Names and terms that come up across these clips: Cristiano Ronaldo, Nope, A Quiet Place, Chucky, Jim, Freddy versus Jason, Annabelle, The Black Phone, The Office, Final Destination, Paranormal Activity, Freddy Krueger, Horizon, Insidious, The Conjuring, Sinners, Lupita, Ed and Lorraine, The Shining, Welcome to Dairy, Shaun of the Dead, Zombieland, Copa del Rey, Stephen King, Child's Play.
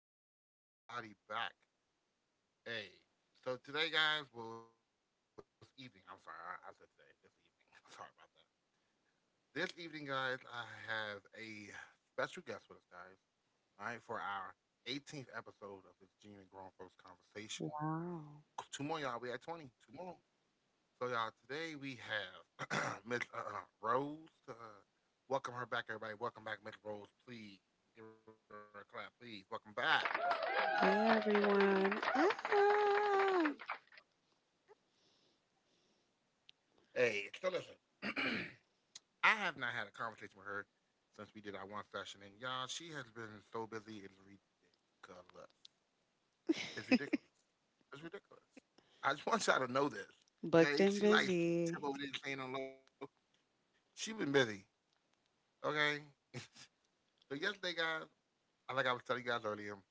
welcome, welcome everybody back. Hey, so today, guys, well, it's evening. I'm sorry, I said today, this evening. Sorry about that. This evening, guys, I have a special guest with us, guys, all right, for our 18th episode of this Genuine Grown Folks Conversation. Wow. Two more, y'all. We at 20. Two more. So, y'all, today we have Miss Rose. Welcome her back, everybody. Welcome back, Miss Rose, please. Give her a clap, please. Welcome back. Hey everyone. Ah, Hey, so listen, I have not had a conversation with her since we did our one session, and y'all, she has been so busy, it's ridiculous. It's ridiculous. It's ridiculous. I just want y'all to know this, booked and okay? She busy. like she tip over there saying on low. She been busy, okay? So yesterday, guys, I like I was telling you guys earlier,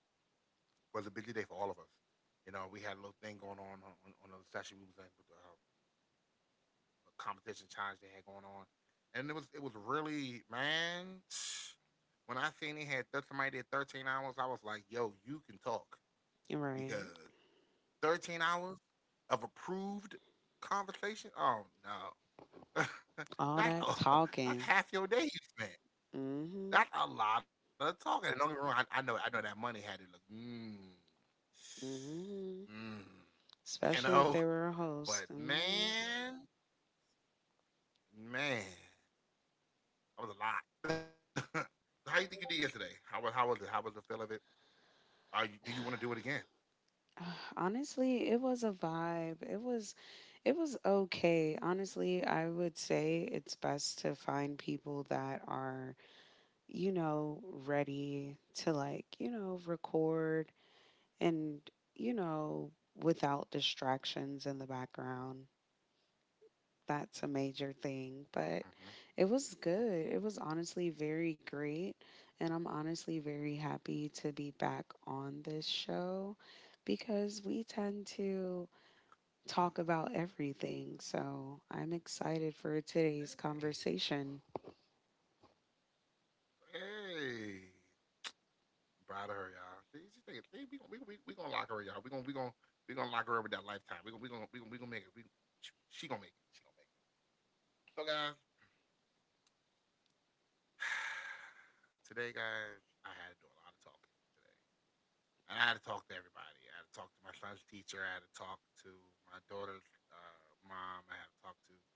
was a busy day for all of us. You know, we had a little thing going on on the session we was in with the competition challenge they had going on, and it was really man. When I seen they had somebody did 13 hours, I was like, "Yo, you can talk," because Right. 13 hours of approved conversation. Oh no, All that that oh that's talking. half your day you spent. Mm-hmm. That's a lot of talking. And don't get me wrong, I know I know that money had it look. Mm-hmm. You Especially if know, they were a but host. Hmm. man, man. That was a lot. So how you think you did yesterday? How was it? How was the feel of it? Are you, do you want to do it again? Honestly, it was a vibe. It was okay. Honestly, I would say it's best to find people that are, ready to like, record. And, you know, without distractions in the background, that's a major thing. Mm-hmm. But it was good. It was honestly very great. And I'm honestly very happy to be back on this show because we tend to talk about everything. So I'm excited for today's Hey, conversation. hey, I'm proud of her, y'all. See, she think see, we gonna lock her, y'all. We gonna lock her up with that lifetime. We gonna make it. She gonna make it. She gonna make it. So guys, today, guys, I had to do a lot of talking today. And I had to talk to everybody. I had to talk to my son's teacher. I had to talk to my daughter's mom.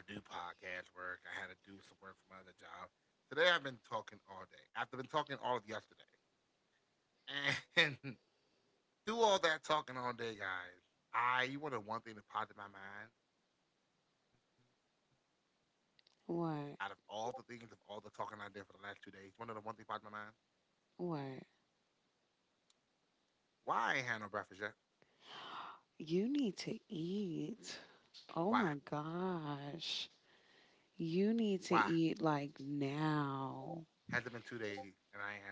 I had to do podcast work. I had to do some work for my other job. Today I've been talking all day. I've been talking all of yesterday. And through all that talking all day, guys, you want to one thing that popped in my mind out of all the things of all the talking I did What? for the last 2 days. You want to know the one thing popped in my mind? What? Why I ain't had no breakfast yet? You need to eat. Why? Oh my gosh. You need to Why? eat like Has it been two now. days and I ain't had no breakfast yet?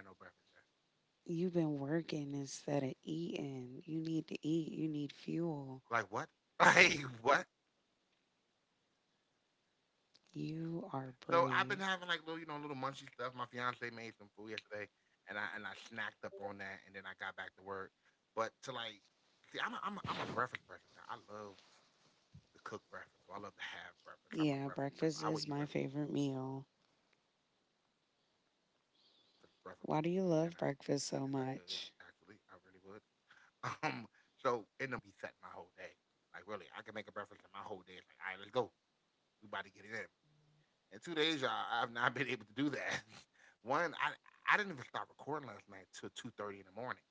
You've been working instead of eating. You need to eat. You need fuel. Like what? Like what? You are So I've brave. been having like little, little munchy stuff. My fiance made some food yesterday, and I snacked up on that, and then I got back to work. But to like, see, I'm a breakfast person. You know. I love to cook breakfast, so I love to have breakfast. I'm Yeah, a breakfast breakfast person. I is would eat my breakfast, favorite breakfast, lunch, and meal. dinner if I could. Actually, I really would. Why do Um, you love so in breakfast the so morning, me much? having like time to make a breakfast or eat a breakfast really be setting my whole day. Like really, I can make a breakfast, and my whole day is like, all right, let's go. We about to get it in. In 2 days, y'all, I've not been able to do that. One, I didn't even stop recording last night till 2:30 in the morning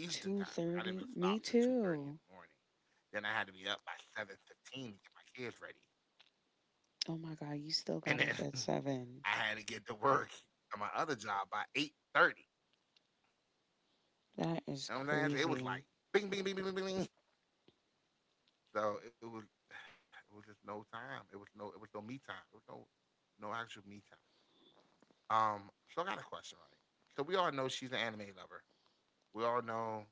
Eastern time. Like I didn't 2:30. even Me stop till 2:30 too. in the morning. Then I had to be up by 7:15 to get my kids ready, Oh my god, you still got up and at then 7. I had to get to work on my other job by 8:30. That is You know what I'm saying? crazy. So it was like bing, bing, bing, bing, bing, bing, bing. So it was it was just no time. It was no me time. It was no actual me time. Um, so I got a question, right? So we all know she's an anime lover. We all know,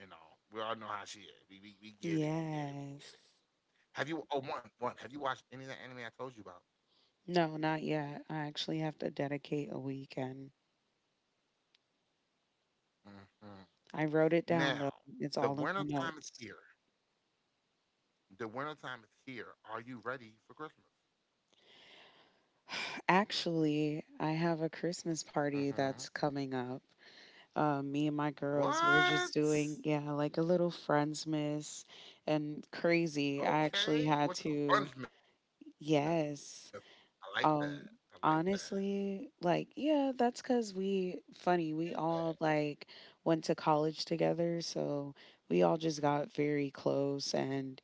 you know, we all know how she is. We get it, we get Yes. it. Have you have you watched any of that anime I told you about? No, not yet. I actually have to dedicate a weekend. Hmm. I wrote it down though. Now, It's the all in my winter time is notes. here. The winter time is here. Are you ready for Christmas? Actually, I have a Christmas party Hmm. that's coming up. Me and my girls, we're just What? doing, yeah, like a little friends miss and crazy. I actually Okay. had What's it to, called? Fundsmith. I like that. yes. I like that. Um, Honestly, like, yeah, that's because Get that. we, funny, we all like went to college together. So we all just got very close and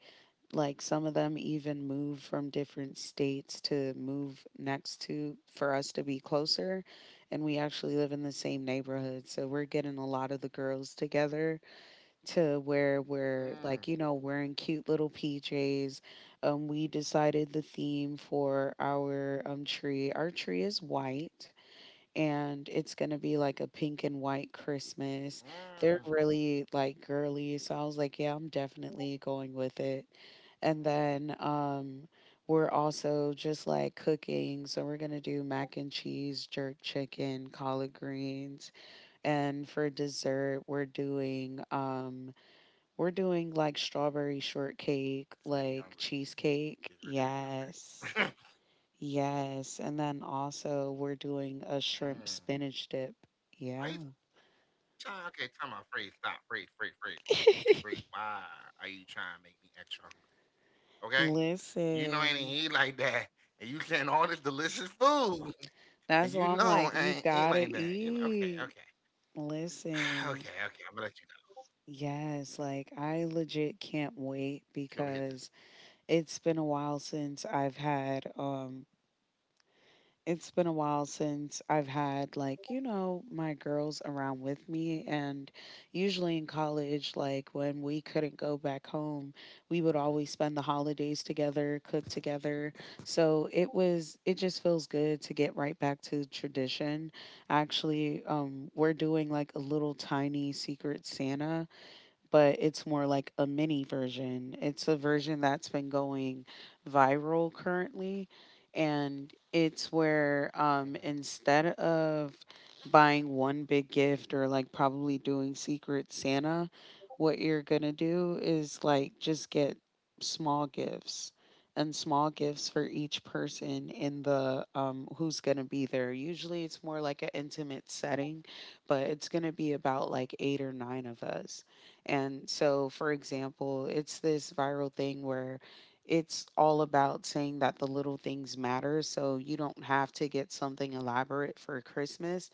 like some of them even move from different states to move next to for us to be closer, and we actually live in the same neighborhood, so we're getting a lot of the girls together to where we're Mm. like, wearing cute little pjs. We decided the theme for our tree is white, and it's gonna be like a pink and white Christmas. Mm. They're really like girly, so I was like, yeah, I'm definitely going with it. And then we're also just like cooking, so we're gonna do mac and cheese, jerk chicken, collard greens, and for dessert we're doing like strawberry shortcake, She made me like hungry. cheesecake. She's really made me Yes. hungry. Yes, and then also we're doing a shrimp Mm. spinach dip. Yeah. Why you trying? Okay, tell my Freeze. Stop. Freeze. Freeze. Freeze. Freeze. Why are you trying to make me extra hungry? Okay. You know I ain't Listen, eat like that, and you saying all this delicious food, that's and why you I'm like, know I you ain't eat gotta like that. You know, okay. eat. Okay. Listen, Okay. Okay. I'm gonna let you go. yes, like I I'm gonna legit let you go. I'm can't gonna let you wait because you just because it's been a she over here while just. since I've had. It's been a while since I've had, like, my girls around with me, and usually in college like when we couldn't go back home, we would always spend the holidays together, cook together. So it just feels good to get right back to tradition. Actually, we're doing like a little tiny secret Santa, but it's more like a mini version. It's a version that's been going viral currently, and it's where, instead Hmm. of buying one big gift or like probably doing Secret Santa, what you're gonna do is like just get small gifts and small gifts for each person in the who's gonna be there. Usually, it's more like an intimate setting, but it's gonna be about like eight or nine of us. Hmm. And so, for example, it's this viral thing where it's all about saying that the little things matter. So you don't have to get something elaborate for Christmas.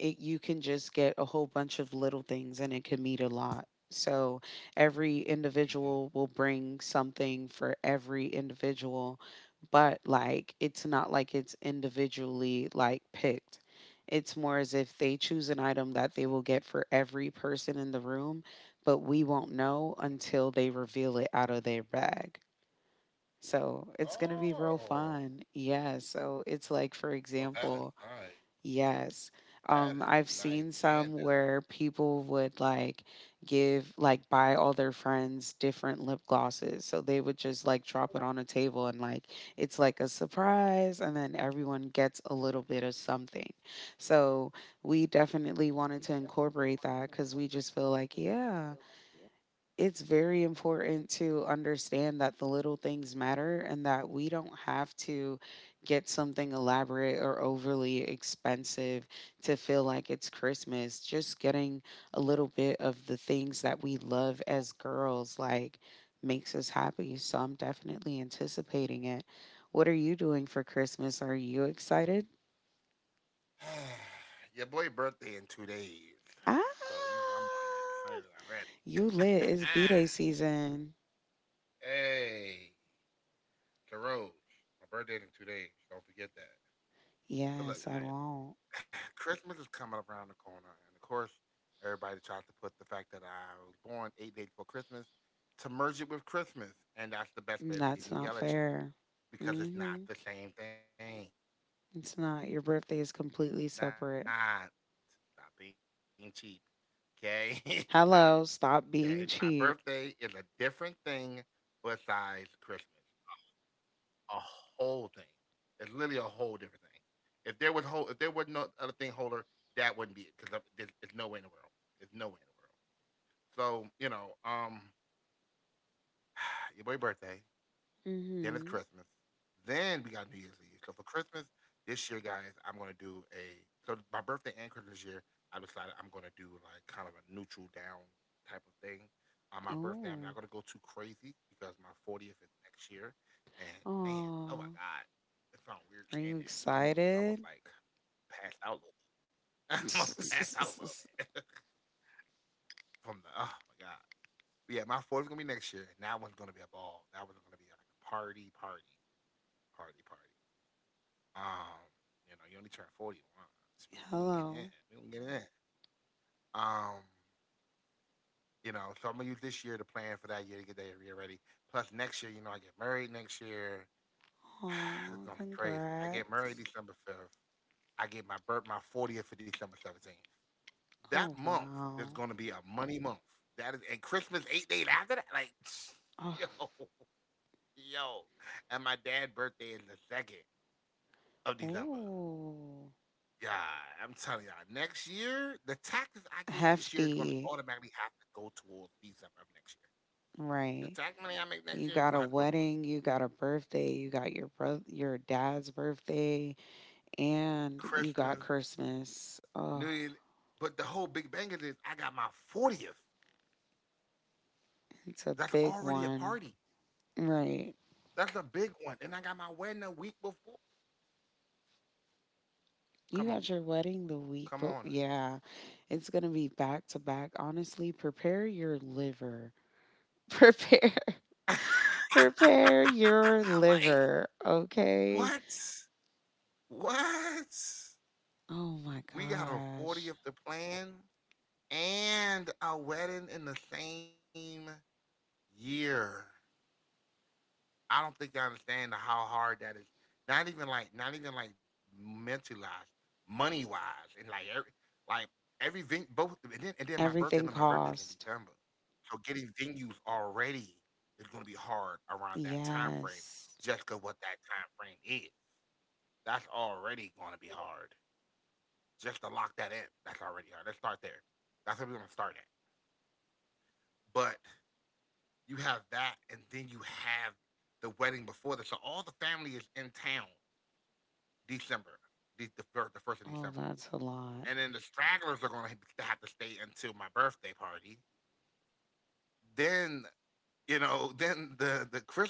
You can just get a whole bunch of little things and it can mean a lot. So every individual will Hmm. bring something for every individual, but like it's not like it's individually like picked. It's more as if they choose an item that they will get for every person in the room, but we won't know until they Hmm. reveal it out of their bag. So it's gonna be real fun. Oh. Yeah. So it's like, for example, Oh, that is nice. yes. I've That is seen some nice where and different. people would like buy all their friends different lip glosses. So they would just like drop it on a table, and like it's like a surprise, and then everyone gets a little bit of something. So we definitely wanted to incorporate that because we just feel like, yeah, it's very important to understand that the little things matter and that we don't have to get something elaborate or overly expensive to feel like it's Christmas. Just getting a little bit of the things that we love as girls like makes us happy. So I'm definitely anticipating it. What are you doing for Christmas? Are you excited? Your boy birthday in 2 days. Ah, So, you know, I'm already excited already. you lit. It's B-Day season. Hey, Carol, my birthday in 2 days. Don't forget that. So, look, Yes, I guys, won't. Christmas is coming up around the corner. And, of course, everybody tries to put the fact that I was born 8 days before Christmas to merge it with Christmas. And that's the Mm, best way of that's getting not me yell at you fair. because it's Hmm. not the same thing. It's It's not. not. Your birthday Stop is being completely cheap. separate. Okay? Stop. Okay, my birthday is a different Hello, thing stop being cheap. besides Christmas. A whole thing. It's literally a whole different thing. If there was no other thing holder, that wouldn't be it because there's no way in the world. There's no way in the world. So you know, your boy birthday. Then it's Christmas. Then Hmm. we got New Year's Eve. So for Christmas this year, guys, I'm gonna do a so my birthday and Christmas this year. I decided I'm gonna do like kind of a neutral down type of thing. On my birthday, I'm not gonna go too Oh. crazy because my 40th is next year, and man, oh my Aw. god, it felt weird saying Are that. you I almost excited? like passed out. A little bit. I almost passed out a little bit from the oh my god. But yeah, my 40th is gonna be next year, and that one's gonna be a ball. That one's gonna be like a party, party. Party party. Um, you know, you only turn 40 once. We gonna get Hello. in. We gonna get in. Um, you know, so I'm gonna use this year to plan for that year to get that year ready. Plus next year, you know, I get married next year. It's Oh, gonna be crazy. I get married congrats. December 5th. I get my 40th for December 17th. That Oh, month is wow. gonna be a money month. That is and Christmas 8 days after that. Like Oh, yo, yo. And my dad's birthday is the December 2nd. ooh. Yeah, I'm telling y'all, next year, the taxes I get this year is going to Hefty. automatically have to go towards December of next year. The Right. tax money I make You next year is got a going to have to go towards wedding, you got a birthday, you got your dad's birthday, and you got Christmas, Christmas. Oh, New Year. But the whole big bang of this, I got my 40th. That's it's a already a big party. one. Right. That's a big one. And I got my wedding a week before. Come on now. You got your wedding Come the on now. week, but yeah, it's going to be back to back. Honestly, prepare your liver. Prepare. Prepare your Like, liver, okay? what? What? Oh my We got a gosh. 40th to plan. And a wedding in the same year. I don't think I understand how hard that is. Not even like, not even like mentalized, money wise, and like every venue. Both, and then my birthday, and my Everything birthday's in December, cost. so getting venues already is going to be hard around that time frame, Yes. just 'cause what that time frame is. That's already going to be hard. Just to lock that in, that's already hard. Let's start there. That's where we're going to start at. But you have that, and then you have the wedding before that. So all the family is in town December, the first of Oh, December, that's a lot. and then the stragglers are going to have to stay until my birthday party. Then you know, then the Christmas is just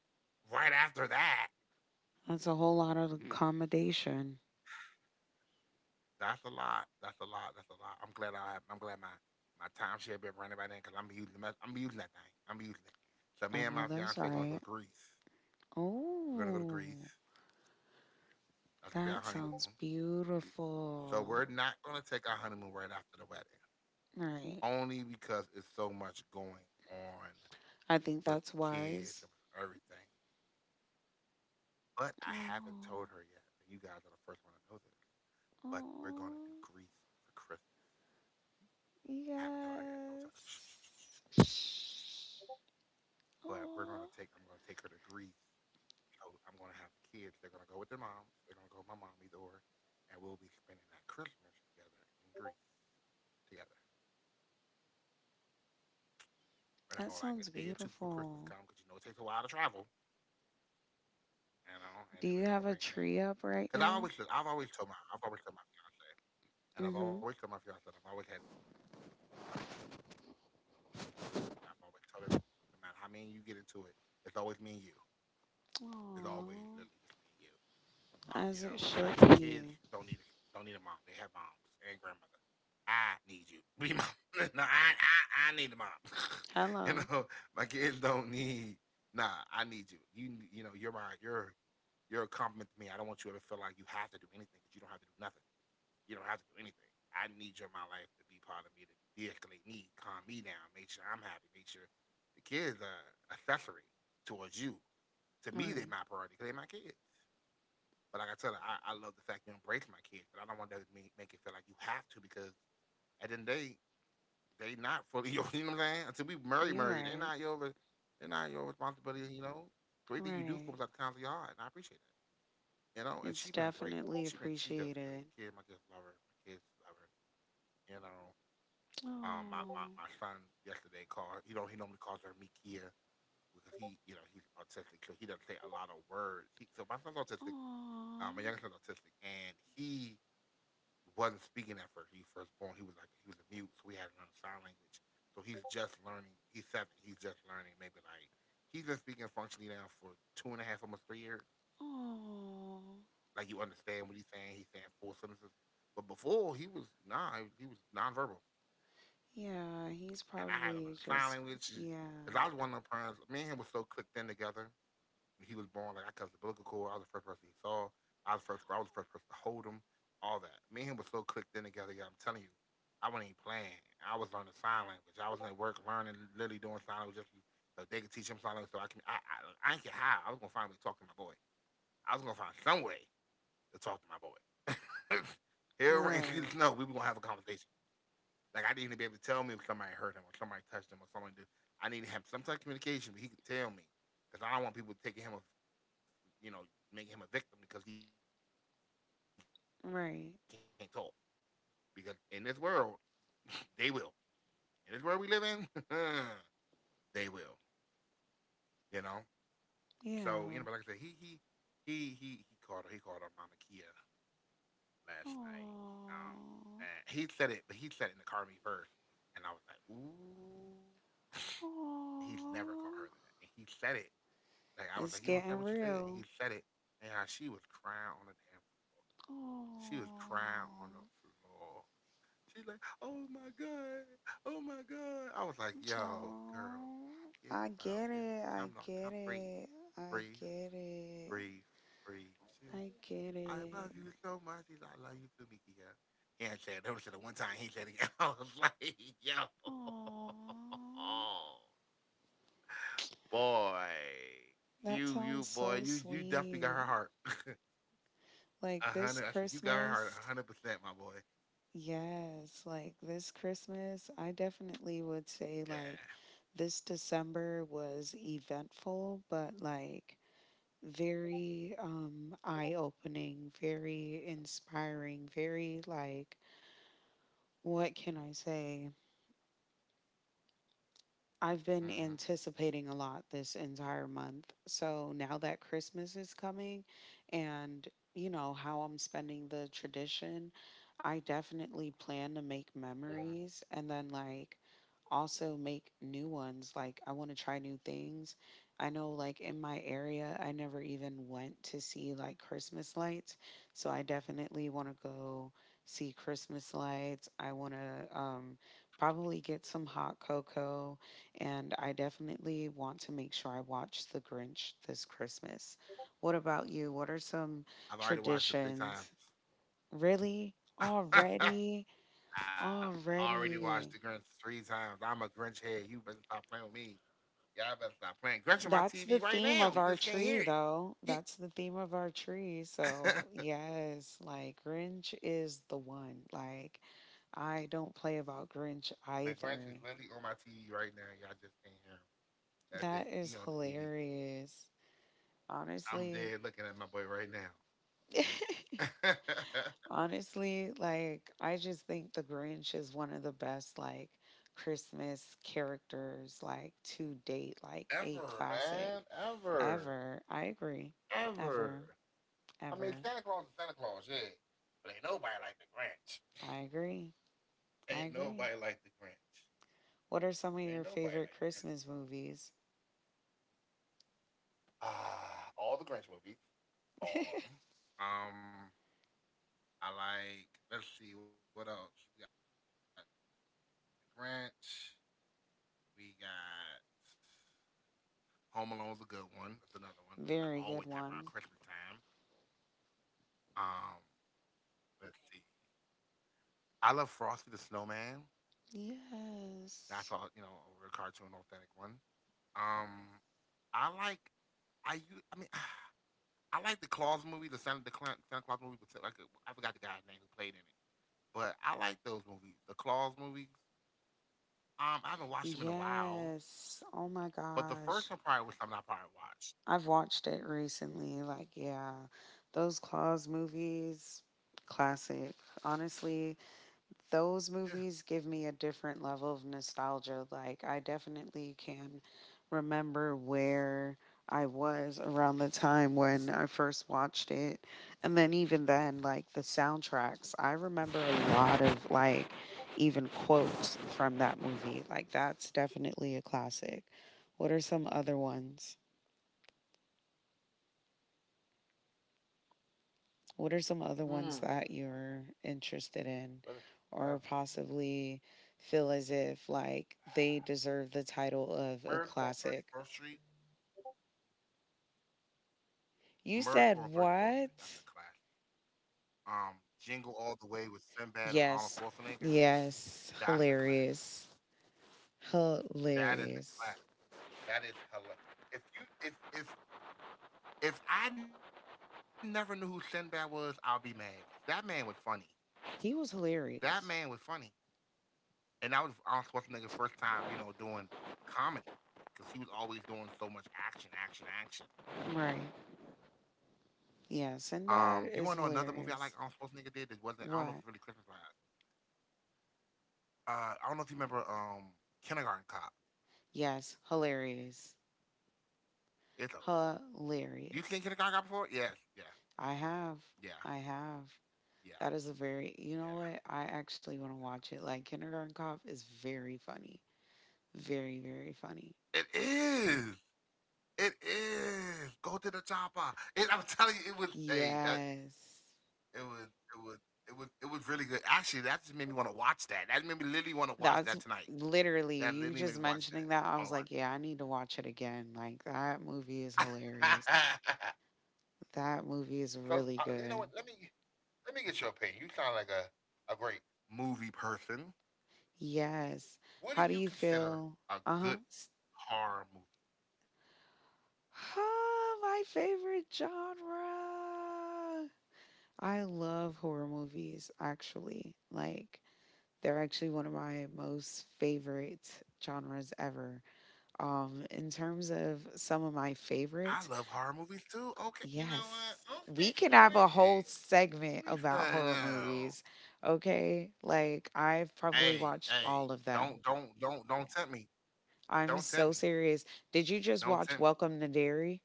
right after that. That's a whole lot of accommodation. That's a lot. That's a lot. That's a lot. I'm glad I. have, I'm glad my timeshare been running by then because I'm using that thing. I'm using it. I So know me and my that's fiance right. gonna go to Greece. We're Oh. gonna go to Greece. That's gonna be our That sounds honeymoon. So beautiful. we're not going to take our honeymoon right after the wedding, All right. only because it's so much going on I think with that's the kids wise. and with everything. But I haven't told her yet. Oh, And you guys are the first one to know this. But we're going to do oh, Greece for Christmas. I haven't told her yet. yes. Don't tell her. Shh, shh, shh, shh, shh. But we're going to take, Oh, I'm going to take her to Greece. So I'm going to have the kids. They're going to go with their moms. They're going to go with my mom either or. And we'll be spending that Christmas together in Greece together. that sounds We're gonna go like a day beautiful. or two before Christmas comes because it takes a while to travel, Do you have a you know. tree And up then we're right gonna bring now? it in. Cause look, I've always told my Mm-hmm. fiance, and I've always told my fiance, and I've always had this rule, and I've always told her, no matter how many you get into it, it's always me and you. It's always literally just me and Oh, you. As Like it the should kids be. Don't need a mom. They have moms and grandmother. I need you. Be mom. No, I, I need a mom. you Hello. know, my kids don't need. Nah, I need you. You, you're a compliment to me. I don't want you to ever feel like you have to do anything, but you don't have to do nothing. You don't have to do anything. I need you in my life to be part of me, to de-escalate me, calm me down, make sure I'm happy, make sure the kids are accessory towards you. Right. To me, they're my priority because they're my kids. But like I tell you, I love the fact you embrace my kids, but I don't want that to make, it feel like you have to because at the end of the day, they not fully yours. You know what I'm saying? You're Until we right. marry, they're not your responsibility, you know? Right. So anything you do forms out of the kinds of your heart, and I appreciate that. It's You definitely know, and she been great. appreciated. She does great. My kids love her. My kids love her. You know, Oh, my son yesterday called. He normally calls her Mikia because he's autistic, so he doesn't say a lot of words. So my son's autistic. oh, My youngest son's autistic, and he wasn't speaking at first. He first born, he was like he was a mute, so we had to learn sign language. So he's just learning. He's 7. He's just learning. Maybe like he's been speaking functionally now for two and a half, almost 3 years. oh. Like you understand what he's saying. He's saying full sentences. But before he was nah, he was nonverbal, Yeah, he's and probably I had him on just sign language. yeah. Cause I was one of the parents. Me and him was so clicked in together. When he was born like I cut the umbilical cord. I was the first person he saw. I was first. I was the first person to hold him. All that. Me and him was so clicked in together. Yeah, I'm telling you, I wasn't even playing. I was learning sign language. I was at work learning, literally doing sign language just so they could teach him sign language. So I can. I didn't care how. I was gonna find a way to talk to my boy. I was gonna find some way to talk to my boy. He'll ring. Right. No, we were gonna have a conversation. Like I didn't even be able to tell me if somebody hurt him or somebody touched him or someone did. I need to have some type of communication, but he could tell me because I don't want people taking him, you know, making him a victim because he Right. can't talk. Because in this world, they will. In this world we live in, they will. You know. So Yeah. But like I said, he called her. He called her Mama Kia last night. Aww. Um, and he said it, but he said it in the car with me first, and I was like, ooh. He's never Aww. called her that. And he said it. Like I was It's like, You gonna getting say what you said? And real. he said it. And how she was crying on the damn Aww. she was crying on the floor. She's like, Oh my God, oh my God. I was like, Yo, girl, Aww. get I up. get It's it. calm I down, calm get breathe. it. I Breathe, get it. breathe, breathe. She was I get I love it. you so much. He's like, I love you too, Mikia. He ain't said it. That was the one time he said it again. I was like, yo, Aww. boy, That you sounds you boy, so you definitely got sweet. her heart. Like A this hundred. I said you got her heart. Christmas. 100%, my boy. Yes, like this Christmas, I definitely would say like Yeah. this December was eventful, but like very eye-opening, very inspiring, very like, what can I say? I've been Hmm, anticipating a lot this entire month. So now that Christmas is coming, and you know how I'm spending the tradition, I definitely plan to make hmm. memories, and then like also make new ones. Like I want to try new things. I know like in my area I never even went to see like Christmas lights. So I definitely want to go see Christmas lights. I want to probably get some hot cocoa, and I definitely want to make sure I watch The Grinch this Christmas. What about you? What are some I've already watched it three traditions? times. Really? I've Already? already watched the Already. Grinch three times. I'm a Grinch head. You better stop playing with me. Y'all better stop playing. Grinch on my That's TV the right theme now. You of just our can't hear tree, it. though. He- That's the theme of our tree. So, the yes, like Grinch is the one. Like, I don't play about Grinch Grinch is either. literally on my TV right now. Y'all just can't hear him. That That's it. is He on the TV. hilarious. I'm Honestly. dead looking at my boy right now. Honestly, like I just think the Grinch is one of the best like Christmas characters like to date, like a Ever, classic man. Ever. ever. I agree. Ever, Ever. I mean, ever. Santa Claus is Santa Claus, yeah. But ain't nobody like the Grinch. I agree. I Ain't agree. nobody like the Grinch. What are some of your Ain't favorite nobody like the Christmas Grinch. movies? Ah, all the Grinch movies. All of them. Um, I like, let's see, what else? We got the Grinch. We got Home Alone's a good one. That's another one because that's always happening around Very good Christmas time. one. Um, let's see. I love Frosty the Snowman. I Yes. thought, over a cartoon authentic one. Um, I like, I mean, I like the Claus movie, the Santa the Cla- Santa Claus movie, but like I forgot the guy's name who played in it. But I like those movies, the Claus movies. I haven't watched them in a while, Yes. Oh my but the gosh. first one probably was something I probably watched. I've watched it recently. Like, yeah, those Claws movies, classic. Honestly, those movies give Yeah. me a different level of nostalgia. Like, I definitely can remember where I was around the time when I first watched it. And then, even then, like the soundtracks, I remember a lot of like even quotes from that movie. Like, that's definitely a classic. What are some other ones? What are some other ones that Hmm. you're interested in, What is or the other one? possibly feel as if like they deserve the title of a classic? Miracle on 34th Street. You said Miracle on Thirty what? Fourth Street. That's a classic. Jingle All the Way with Yes. Sinbad and Arnold Schwarzenegger. Yes. Hilarious. That's a classic. Hilarious. That is a classic. That is hilarious. If you if if I never knew who Sinbad was, I'll be mad. 'Cause that man was funny. He was That hilarious. man was funny, and that was Arnold Schwarzenegger's first time, doing comedy because he was always doing so much action, action, action. Right. Yeah, Sinbad is You want to know another hilarious. movie I like Arnold Schwarzenegger did that wasn't? What? I don't know if it's really Christmas wise. I don't know if you remember Kindergarten Cop. Yes, hilarious. It's a Hilarious. you seen Kindergarten Cop before? Yes, yeah, I have. I yeah, have. That yeah, is a very, you know what? I actually want to watch it. Like Kindergarten Cop is very funny. Very, very funny. yeah. It is. It is. Go to the chopper. And I'm telling you, Yes. it was it was it was really good. Actually, that just made me want to watch that. That made me literally want to watch That's that tonight. literally That you literally just made me watch mentioning that. that. I was Wanna like, yeah, I need to watch it again. Like that movie is watch. hilarious. That movie is really so uh, good. you know what? let me get your opinion. You sound like a great movie person. Yes. How do What you do you feel? consider a Uh-huh. good horror movie? Ah, my favorite genre. I love horror movies, actually. Like, they're actually one of my most favorite genres ever. In terms of some of my I love horror favorites, movies too. Okay, you know what? yes, Okay, we can have a shorty. whole Let me segment find about horror out. movies. Okay, like I've probably Hey, watched hey, all of don't them. don't don't don't tempt me. I'm Don't tempt so me. serious. Did you just Don't watch tempt me. Welcome to Dairy?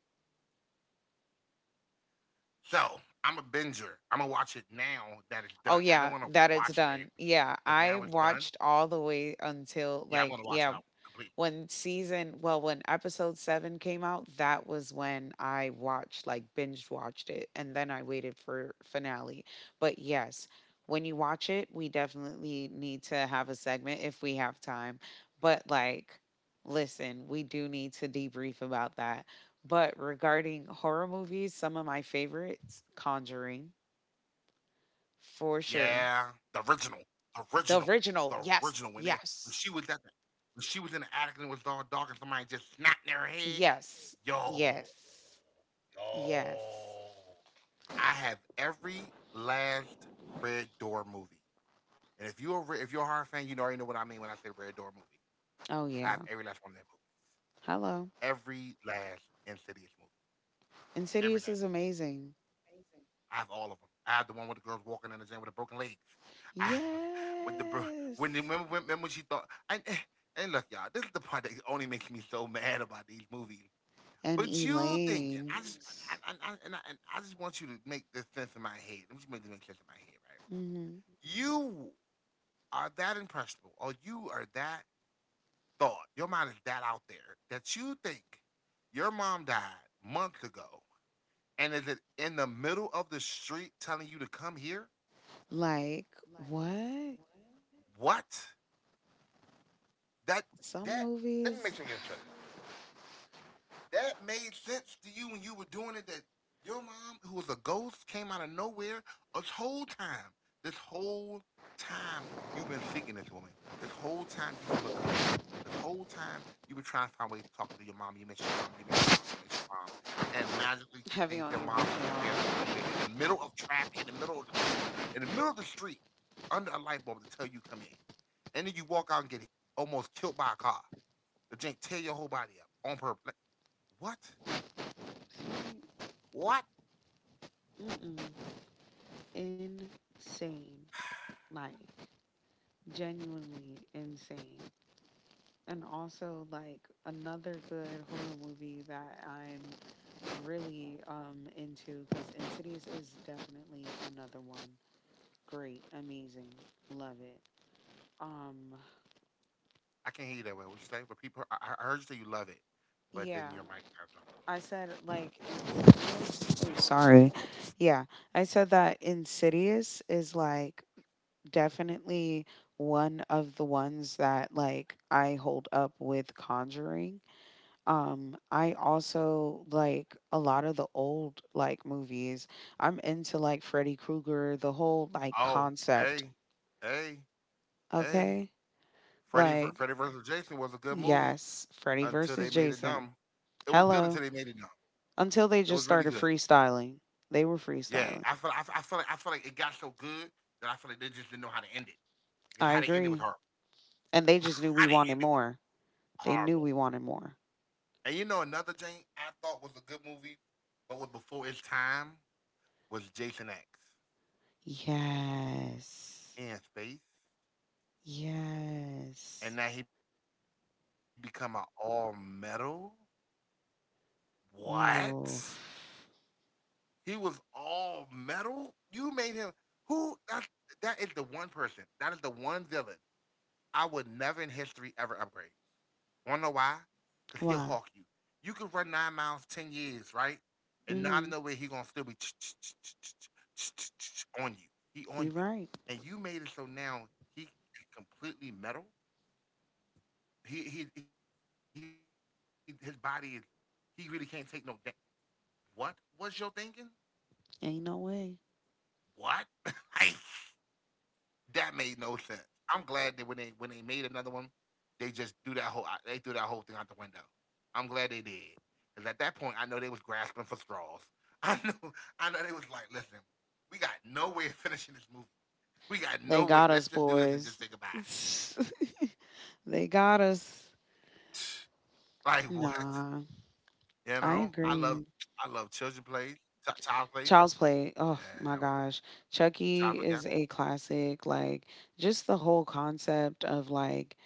So I'm a binger. I'm gonna watch it now that it's Oh done. I didn't yeah, want to that watch it it's every week, done. but Yeah, now it's I done. watched all the way Yeah, I'm until gonna watch like it out yeah, completely. when season well when episode 7 came out. That was when I watched like binge watched it, and then I waited for finale. But yes, when you watch it, we definitely need to have a segment if we have time, but like, listen, we do need to debrief about that. But regarding horror movies, some of my favorites: Conjuring, for sure, Yeah, the original, the the original, original. the Yes, original. When they when yes, she was at the when she was in the attic and it was all dark and somebody just snapped in her head. yes, Yo, yes, yes. yo, I have every last Red Door movie. And if you're a horror fan, you already know what I mean when I say Red Door movie. Oh I have yeah. every last one of that movie. Hello. Every last Insidious movie. Every Insidious last is one. amazing. I have all of them. I have the one with the girls walking in the gym with the broken legs. I have with the Yes. when the remember, remember when she thought and eh, and look y'all, this is the part that only makes me so mad about these movies. And But you thinking, I Elaine. just I just want you to make this sense in my head. Let me just make this make sense in my head, right? Hmm. You are that impressionable, or you are that thought, your mind is that out there that you think your mom died months ago and is it in the middle of the street telling you to come here? Like, what? What? What? That Some that let me movies make sure I get it straight. That made sense to you when you were doing it that your mom, who was a ghost, came out of nowhere this whole time. This whole time you've been seeking this woman. This whole time you've been looking for her. This whole time you've been trying to find ways to talk to your mom. You miss your mom, you miss your mom, you miss your mom. And magically you heavy think on your mom just appeared out of emotion. nowhere in the middle of traffic, in the middle of the street, under a light bulb to tell you come in. And then you walk out and get almost killed by a car. The jink tear your whole body up on purpose. Like, what? What? You Mm-mm. Insane. Like, genuinely insane. And also like another good horror movie that I'm really into, because Insidious is definitely another one. Great, amazing, love it. Um, I can't hear you that well. What you say? Repeat. I heard you say you love it, but yeah, then your mic kind of dropped I said like, oh, sorry, yeah, I said that Insidious is like definitely one of the ones that like I hold up with Conjuring. I also like a lot of the old like movies. I'm into like Freddy Krueger, the whole like a little bit. concept. Mhm. Oh, hey, hey, hey. Okay, like Freddy versus Jason was a good movie yes, Freddy until versus they made it Jason. dumb. It was good until Hello. they made it dumb. Until they It just was really started good. freestyling. They were Yeah, freestyling. I feel like I feel like it got so good that I feel like they just didn't know how to end it because I how they ended was agree. horrible. And they just knew we How they wanted ended was more. They knew horrible. we wanted more. And you know another thing I thought was a good movie, but was before its time was Jason X Yes. in space. Yes. And now he become an all metal. Oof. What? He was all metal. You made him who? That is the one person. That is the one villain I would never in history ever upgrade. Wanna know why? Why? Cause he'll hawk you. You could run 9 miles, 10 years, right? Mm-hmm. And not in no way he gonna still be on You you. right. He on you, and you made it so now he is completely metal. He his body is he really can't take no da- what was your thinking? Ain't no way. What? Like, that made no sense. I'm glad that when they made another one, they just threw that whole they threw that whole thing out the window. I'm glad they did. Because at that point I know they was grasping for straws. I know I know they was like, listen, we got no way of finishing this movie. We got no They way. got Let's us, just do this and just say boys. goodbye. They got us. Like, what? Nah. You I know? Agree. I love children plays, child plays. Child's Play. Oh Yeah, my that was gosh. nice. Chucky is Child play, a yeah. classic. Like just the whole concept of like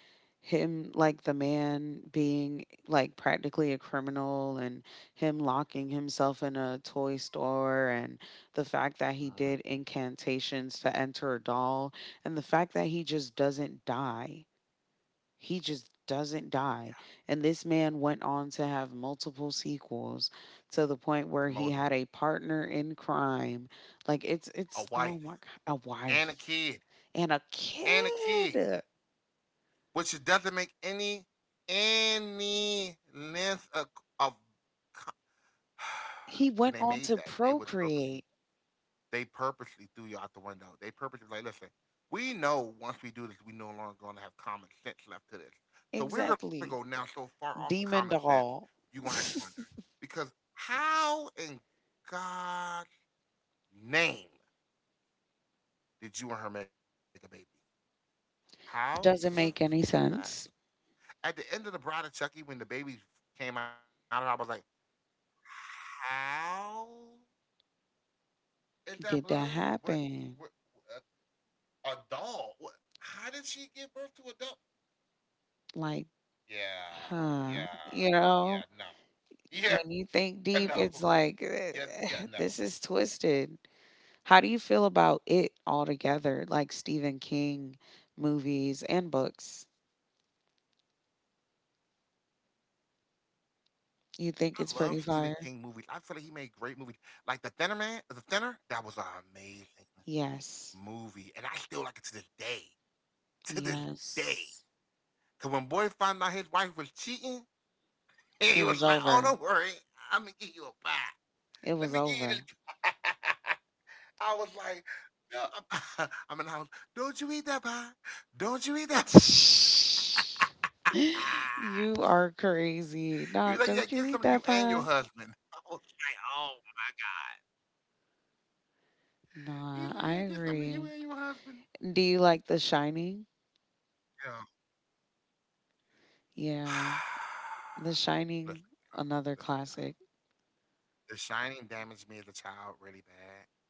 him like the man being like practically a criminal and him locking himself in a toy store and the fact that he did Mhm. incantations to enter a doll and the fact that he just doesn't die he just doesn't die. Yeah. And this man went on to have multiple sequels to the point where he Multiple. had a partner in crime. Like it's A oh my wife god, a and a wife kid and a and a kid, kid. which it doesn't make any length of He when went they on made to that they was procreate. purposely they purposely threw you out the window. They purposely was like, listen, we know once we do this, we no longer gonna have common sense left to this. So we're gonna Exactly. go now so far off of Demon common doll. sense, you gonna have to wonder because how in God's name did you and her make a baby? How Doesn't was make any that sense. at the end of the Bride of Chucky, when the baby came out of it, I was like, "How is that Did that blood? What? happen? What? A doll? What? How did she give birth to a doll? Like, Yeah, huh. yeah, You know, yeah. No, yeah, when you no, think deep, it's yeah, like yeah, no." this is twisted. How do you feel about it altogether, like Stephen King movies and books? I You love think it's Stephen pretty King movies. fire? I feel like he made great movies. Like The Thinner Man, The Thinner, that was an amazing Yes. movie. And I still like it to this day. To this day. Yes. Cause when boy found out his wife was cheating, and he was It like, was "Oh, don't over. worry, I'm gonna give you a pie. It Let me was give you this." over. Pie." I was like, "No, I'm, I'm in the house. Don't you eat that pie? Don't you eat that?" Pie?" You are crazy. Nah, He was like, don't "Yeah, you give eat some to that you and pie? your husband." I was like, "Oh my god." Nah, He's I like, "Yeah, get some to agree. you and your husband." Do you like The Shining? Yeah. Yeah. The Shining, Listen, y'all. another Listen, y'all. classic. The Shining damaged me as a child really bad.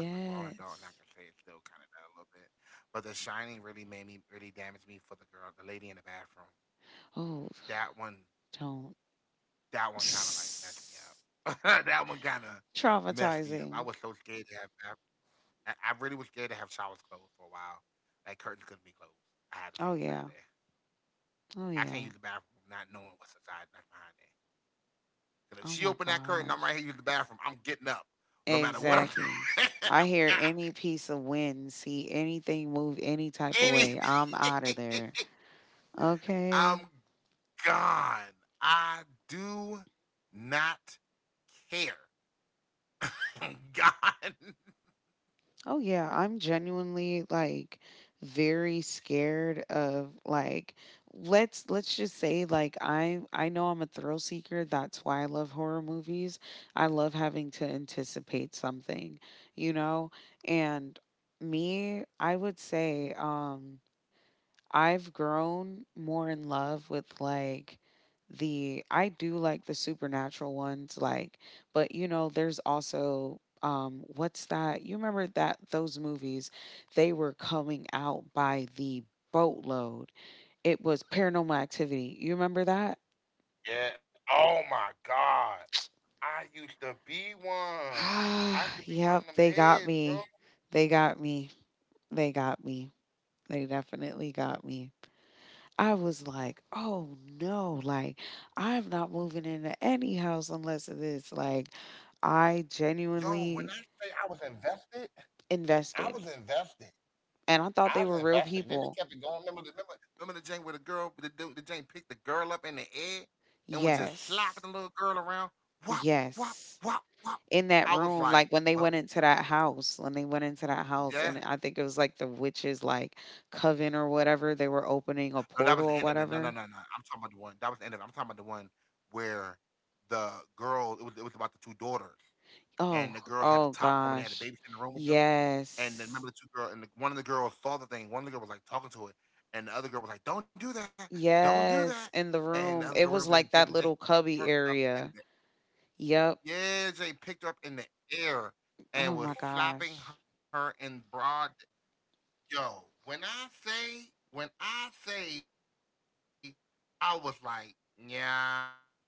And I'm a grown adult and I can say it's still kind of done a little bit. But The Shining really made me really damaged me for the girl, the lady in the bathroom. Oh, That one, don't. that one kind of like messed me up. That one kind of messed me up. I Traumatizing. was so scared to have, I really was scared to have showers closed for a while. Like curtains couldn't be closed. I had to Oh see inside yeah. there. Oh I can't yeah. use the bathroom not knowing what's inside, not behind there. 'Cause if Oh she my opened that curtain, I'm gosh. right here using the bathroom. I'm getting up, no matter what I'm Exactly. doing. I hear any piece of wind, see anything move any type of way. I'm Anything. out of there. Okay. I'm gone. I do not care. God, Oh yeah, I'm genuinely like very scared of like let's just say like I know I'm a thrill seeker. That's why I love horror movies. I love having to anticipate something, you know? And me, I would say I've grown more in love with like the I do like the supernatural ones like but you know there's also what's that, you remember that those movies they were coming out by the boatload? It was paranormal activity, you remember that? yeah. Oh my God. I used to be one. I used to be one Yep, of them they got heads, me, bro. they got me, they got me, they definitely got me. I was like, oh no, like I'm not moving into any house unless it is like I Yo, when genuinely I say I was invested, I invested. was invested. And I thought I they were was real invested. And then they people. kept it going. Remember the Jane where the Jane picked the girl up in the air and was just Yes. slapping the little girl around. Wop, wop, Yes. wop, wop. In that I was room, like, like when they well, went into that house, when they went into that house, yeah, and I think it was like the witches, like coven or whatever, they were opening a no, that portal was the or end of the no, no, whatever. no, no. I'm talking about the one that was the end of it. I'm talking about the one where the girl it was about the two daughters and Oh, the girls had the oh top room and they had a gosh. babysit in the room with them. And then Yes. remember the two girls and the, one of the girls saw the thing. One of the girls was like talking to it, and the other girl was like, "Don't do that, don't do that." Yes, in the And the other room. girl It went over was there and like did it. And that Jane little picked her cubby up in area. the Yep. yeah, Jay picked her up in the air Oh and my was gosh. slapping her in broad yo. When I say I was like, yeah, no.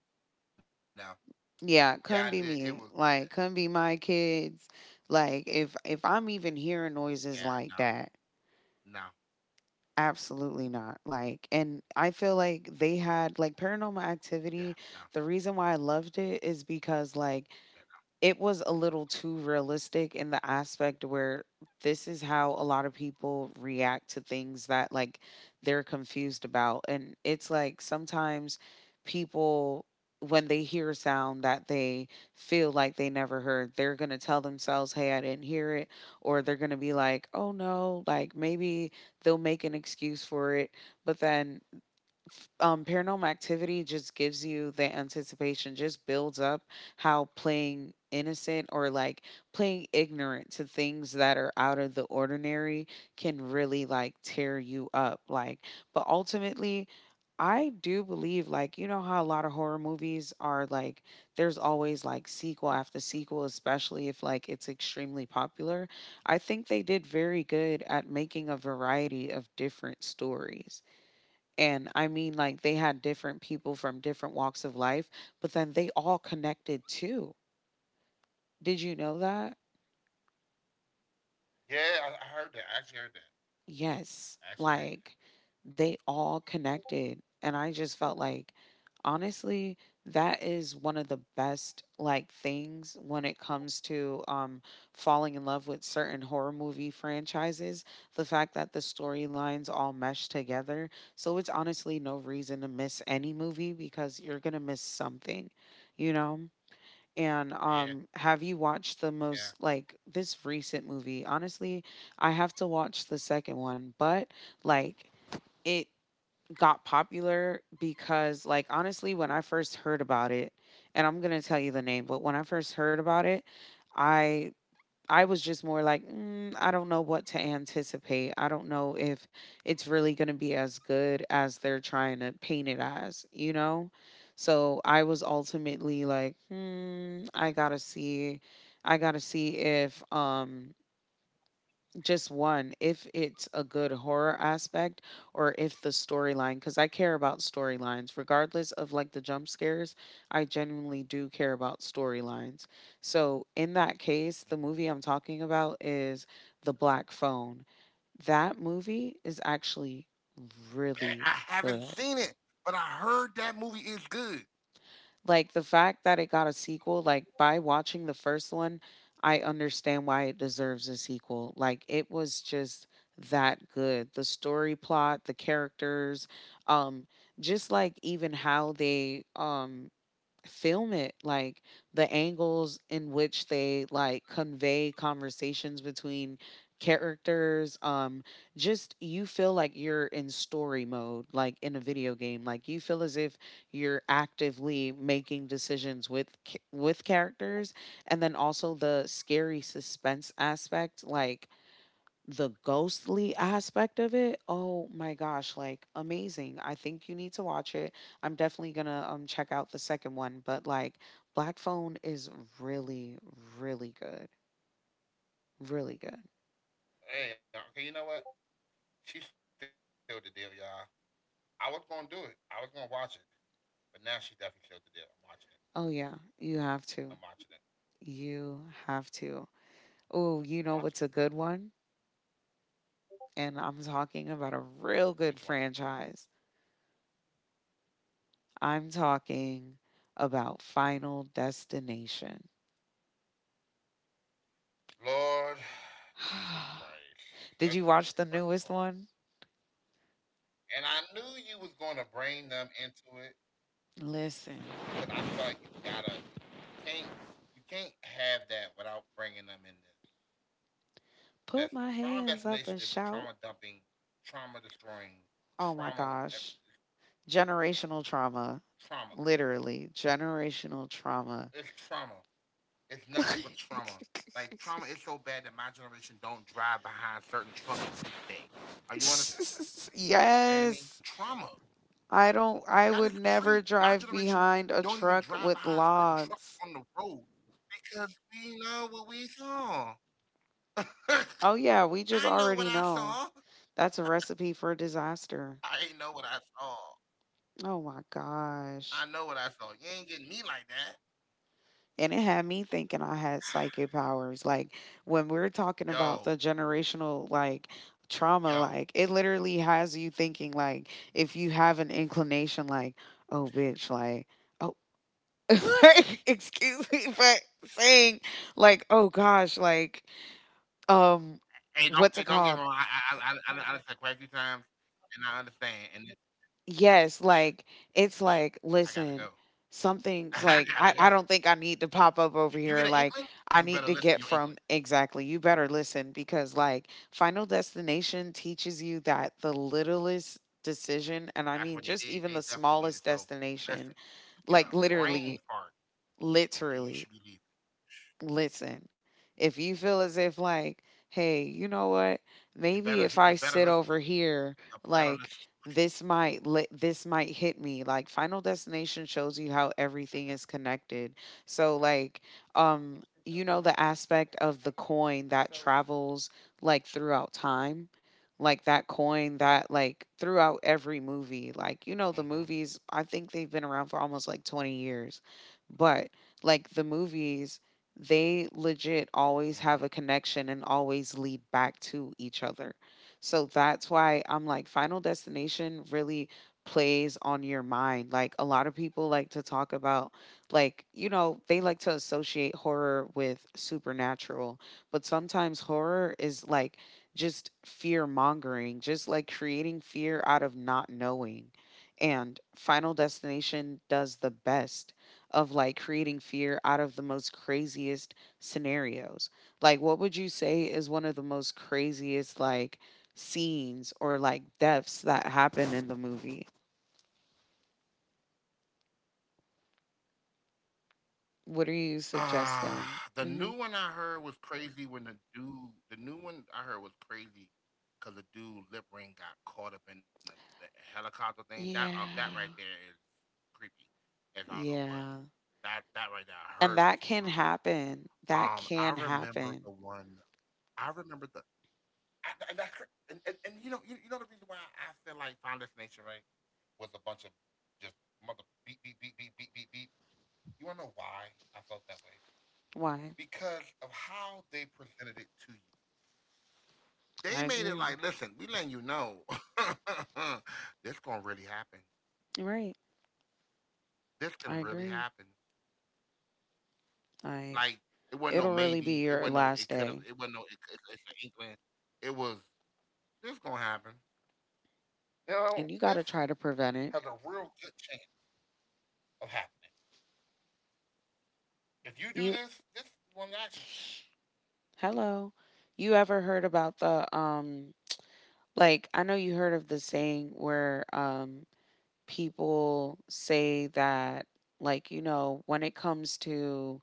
Yeah, I know. Like they Yeah, come all be ran into me. Jank, Like, come closed the be thing my up. Yeah, it kids. was. Yeah, Like, if I'm yeah, even no, hearing noises like that, no, absolutely not. Like, and I feel like they had like yeah, paranormal no. activity. The reason why I Yeah, loved no. it is because like it was a little too realistic in the aspect where this is how a lot of people react to things that like they're confused about, and it's like sometimes people when they hear a sound that they feel like they never heard, they're going to tell themselves, hey, I didn't hear it, or they're going to be like, oh no, like maybe they'll make an excuse for it. But then, paranormal activity just gives you the anticipation, just builds up how playing innocent or like playing ignorant to things that are out of the ordinary can really like tear you up. Like, but ultimately, I do believe, like, you know, how a lot of horror movies are like, there's always like sequel after sequel, especially if like it's extremely popular. I think they did very good at making a variety of different stories. And I mean, like, they had different people from different walks of life, but then they all connected too. Did you know that? Yeah, I heard that. I actually heard that. Yes, I like actually heard that. they all connected. And I just felt like, honestly, that is one of the best like things when it comes to falling in love with certain horror movie franchises. The fact that the storylines all mesh together. So it's honestly no reason to miss any movie because you're gonna miss something, you know? And Yeah, have you watched the most yeah. like this recent movie? Honestly, I have to watch the second one, but like it got popular because like honestly, when I first heard about it, and I'm gonna tell you the name, but when I first heard about it, I I was just more like, mm, I don't know what to anticipate. I don't know if it's really going to be as good as they're trying to paint it as, you know? So I was ultimately like, hmm, I got to see. I got to see if just one if it's a good horror aspect or if the storyline, because I care about storylines regardless of like the jump scares. I genuinely do care about storylines. So in that case, the movie Hmm. I'm talking about is The Black Phone. That movie is actually Hey, really I haven't good. seen it, but I heard that movie is good. Like the fact that it got a sequel, like by watching the first one, I understand why it deserves a sequel. Like it was just that good. The story plot, the characters, um just like even how they film it, like the angles in which they like convey conversations between characters. Just you feel like you're in story mode like in a video game, like you feel as if you're actively making decisions with with characters, and then also the scary suspense aspect, like the ghostly aspect of it, oh my gosh, like amazing. I think you need to watch it. I'm definitely gonna check out the second one, but like Black Phone is really, really good. Really good. Hey, okay, you know what? She sealed the deal, y'all. I was gonna do it. I was gonna watch it, but now she definitely sealed the deal. I'm watching it. Oh yeah, you have to. I'm watching it. You have to. Oh, you know what's a good I'm watching one? it. And I'm talking about a real good Which one? franchise. I'm talking about Final Destination. Lord, Jesus Did you watch the Christ. newest Let's one? start here. First of all, and I knew you was going to bring them into it because I feel Listen. like you can't you can't have that without bringing them in this. Put my Listen, hands up Final and shout. Destination is the trauma dumping, trauma Oh my destroying, gosh. trauma eh, Generational it's trauma. trauma. Literally, generational It's trauma. trauma. It's nothing but trauma. Like trauma is so bad that my generation don't drive behind certain trucks to this day. Are you understanding me? Are you Yes. understanding me? That's I would never generational drive trauma. behind a truck with That is crazy. logs. My generation don't even drive behind certain trucks on the road because we Oh, know yeah, what we we just already saw. know. That's a recipe I for know what disaster. I saw. Oh my I ain't gosh. know what I saw. And it I know had what me I saw. thinking You I ain't had getting me like psychic that. powers. Like when we're talking about the generational like trauma, like it literally Yo, has you thinking like if you have an yo. inclination like, oh bitch, like oh like excuse me, but saying like, oh gosh, like um what's it called? Hey, don't get me wrong. I I I, I done said quite a few times, Yes, and I like understand. And it, it's like, listen, something's like I, I I gotta don't think go. I need to pop up over I here. gotta Like go. If I need to get from you get an exactly. inkling, You better you better listen listen to your because inkling. like Final Destination teaches you that the littlest decision, and I mean just even the smallest That's what they did. They destination, definitely made it like so. literally, Listen, if you get a brain literally fart that you should be leaving, listen, if you feel as if like, hey, you know what? Maybe if I sit over you better here, listen to it. like You better listen. This might hit me. Like Final Destination shows you how everything is connected. Mm-mm, So like, you know the aspect of the coin that travels like throughout time. Like that coin that like throughout every movie, like you know the movies. mm-hmm, I think they've been around for almost like 20 years, but like the movies they legit always have a connection and mm-hmm. always lead back to each other. So that's why I'm like, Final Destination really plays on your mind. Like, a lot of people like to talk about, like, you know, they like to associate horror with supernatural, but sometimes horror is like just fear mongering, just like creating fear out of not knowing. And Final Destination does the best of like creating fear out of the most craziest scenarios. Like, what would you say is one of the most craziest like scenes or like deaths that happen in the movie? What are you suggesting? Uh, the Hmm. new one I heard was crazy when the dude. The new one I heard was crazy because the dude lip ring got caught up in the helicopter thing. That Yeah, that right there is creepy. As I don't know what yeah, that that right there I heard and was that just can brutal. happen. That I can remember the happen. one. I remember the I, and that's And you know the reason why I feel like Founders Nation, right, was a bunch of just mother beep beep beep beep beep beep beep. You wanna know why I felt that way? Why? Because of how they presented it to you. They I made it agree. like, listen, we letting you know this gonna really happen. Right. This I can really agree. happen. Like, Like it wasn't no it'll really be maybe. It your wasn't no last it could have. day, It wasn't no it's an inkling. It was This gonna happen. You and know you got this to try to prevent it. has a real good chance of happening. If you do You. this one action. Hello. You ever heard about the like I know you heard of the saying where people say that like you know when it comes to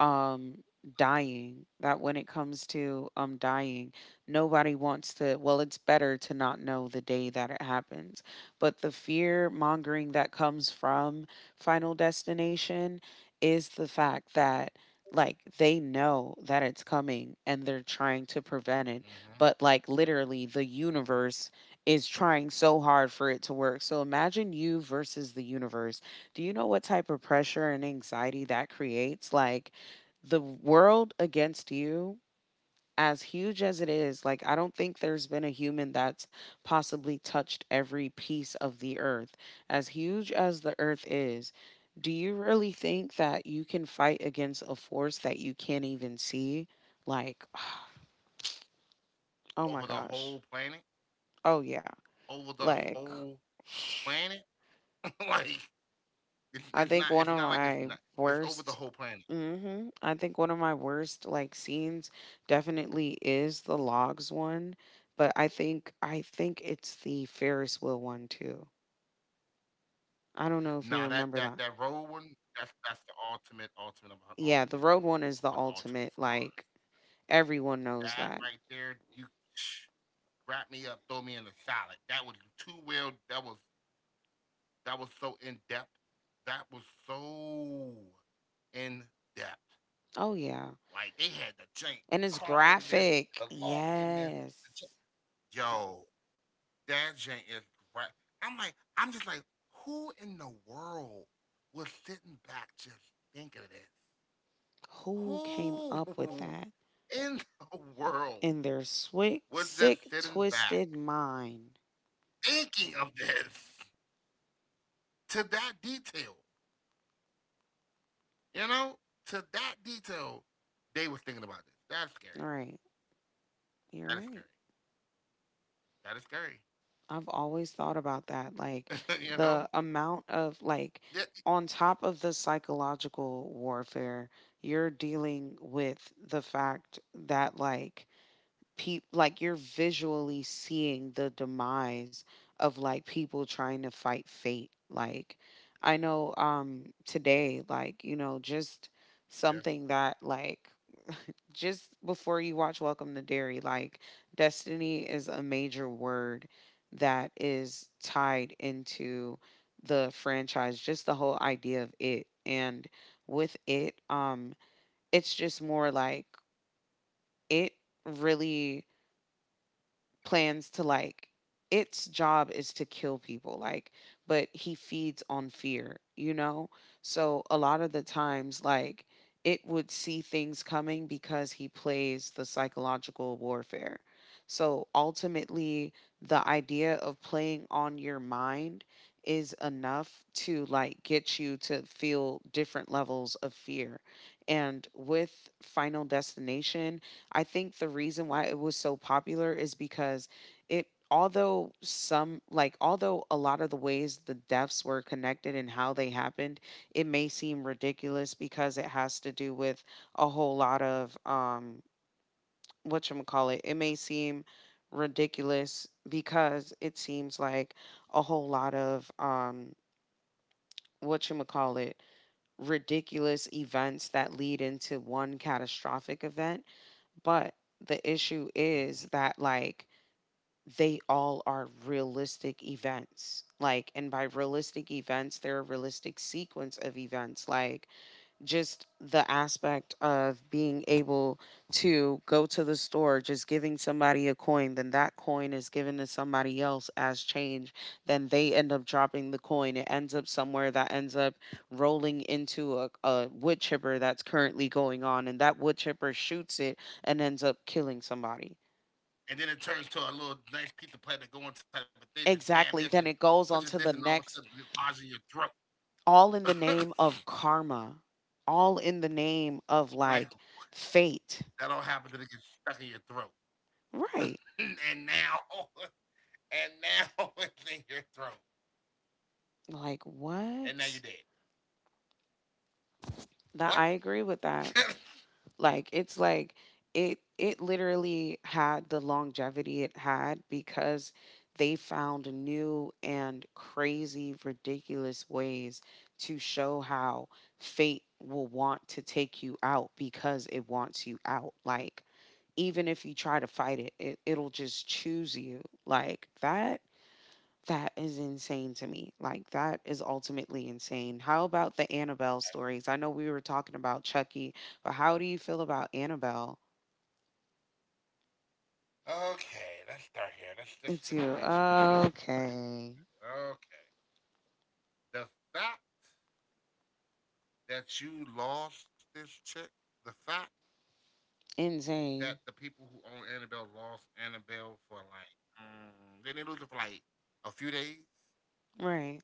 um dying, that when it comes to dying, nobody wants to, well, it's better to not know the day that it happens. But the fear mongering that comes from Final Destination is the fact that like they know that it's coming and they're trying to prevent it, Mm-hmm. but like literally the Mm universe is trying so hard for it to work. So imagine you versus the universe. Do you know what type of pressure and anxiety that creates? Like the world against you, as huge as it is, like I don't think there's been a human that's possibly touched every piece of the earth, as huge as the earth is. Do you really think that you can fight against a force that you can't even see? Like hmm. Over the oh whole my planet, gosh. Oh yeah. over the whole Like planet, like it's i not. It's think not one like of it's not. my It's over the whole worst planet. I think one of my worst like scenes definitely is the logs one, but I think it's the Ferris wheel one too. I don't know if you Nah, that remember that that. that road one. That's the ultimate, ultimate upon Yeah, the ultimate road one is the upon ultimate. ultimate scars. Like everyone knows That that. right there, you wrap me up, throw me in the salad. That was too well. That was so in depth. That was so in depth. Oh yeah, Like they had the jank, the and car it's hitting this, the graphic. log hitting this. the Yes. j- Yo, that jank is great. I'm just like, who in the world was sitting back just thinking of this? Who came Who up with that in the world in their was just sick, sitting back twisted mind? thinking of this to that detail? You know, to that detail, they was thinking about this. That's All scary. right, you're That is right. scary. I've always thought about that. That is Like scary. you know? the amount of like Yeah. on top of the psychological warfare, you're dealing with the fact that like peop like you're visually seeing the demise of like people trying to fight fate. Like I know today like you know just Yeah. something that like just before you watch Welcome to Dairy, like destiny is a major word that is tied into the franchise, just the whole idea of it. And with it, it's just more like it really plans to like its job is to kill people, like, but he feeds on fear, you know. So a lot of the times like it would see things coming because he plays the psychological warfare. So ultimately the idea of playing on your mind is enough to like get you to feel different levels of fear. And with Final Destination, I think the reason why it was so popular is because it although some like although a lot of the ways the deaths were connected and how they happened, it may seem ridiculous because it has to do with a whole lot of what you call it. It may seem ridiculous because it seems like a whole lot of what you call it, ridiculous events that lead into one catastrophic event. But the issue Mm-hmm. is that like they all are realistic events. Like, and by realistic events, they're a realistic sequence of events. Like just the aspect of being able to go to the store, just giving somebody a coin, then that coin is given to somebody else as change. Then they end up dropping the coin. It ends up somewhere that ends up rolling into a wood chipper that's currently going on, and that wood chipper shoots it and ends up killing somebody. And then it turns to a little nice pizza platter going type of thing and stab Exactly. this and Then it goes on pushes to this the and all of a next, sudden it lodges in your all in the throat. name of karma, all in the name of Like like fate. that all happens and it gets stuck in your throat. Right. and now and now it's in your throat. Like And now you're dead. what? What? That, I agree with that. Okay, Like it's like it literally had the longevity it had because they found new and crazy ridiculous ways to show how fate will want to take you out because it wants you out. Like even if you try to fight it, it'll just choose you. Like that. That is insane to me. Like that is ultimately insane. How about the Annabelle stories? I know we were talking about Chucky, but how do you feel about Annabelle? It's you. let's start here. let's make sure Okay. we officially start. Okay. The fact that you lost this chick, the fact Insane. that the people who own Annabelle lost Annabelle for like they didn't lose it for like a few days Right.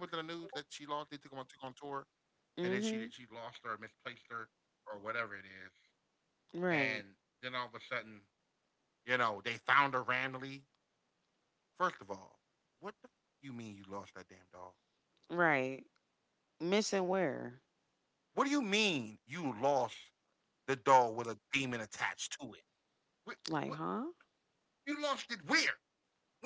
and they found her. Remember the news that she lost? They took her on tour, Mm-hmm. and then she lost her, misplaced her, or whatever it Right. is. And then all of a sudden, they found her randomly. First of all, what the f- you mean you Right. lost that damn doll? Missing where? What do you mean you lost the doll with a demon attached to it? What, Like, what huh? you lost it where?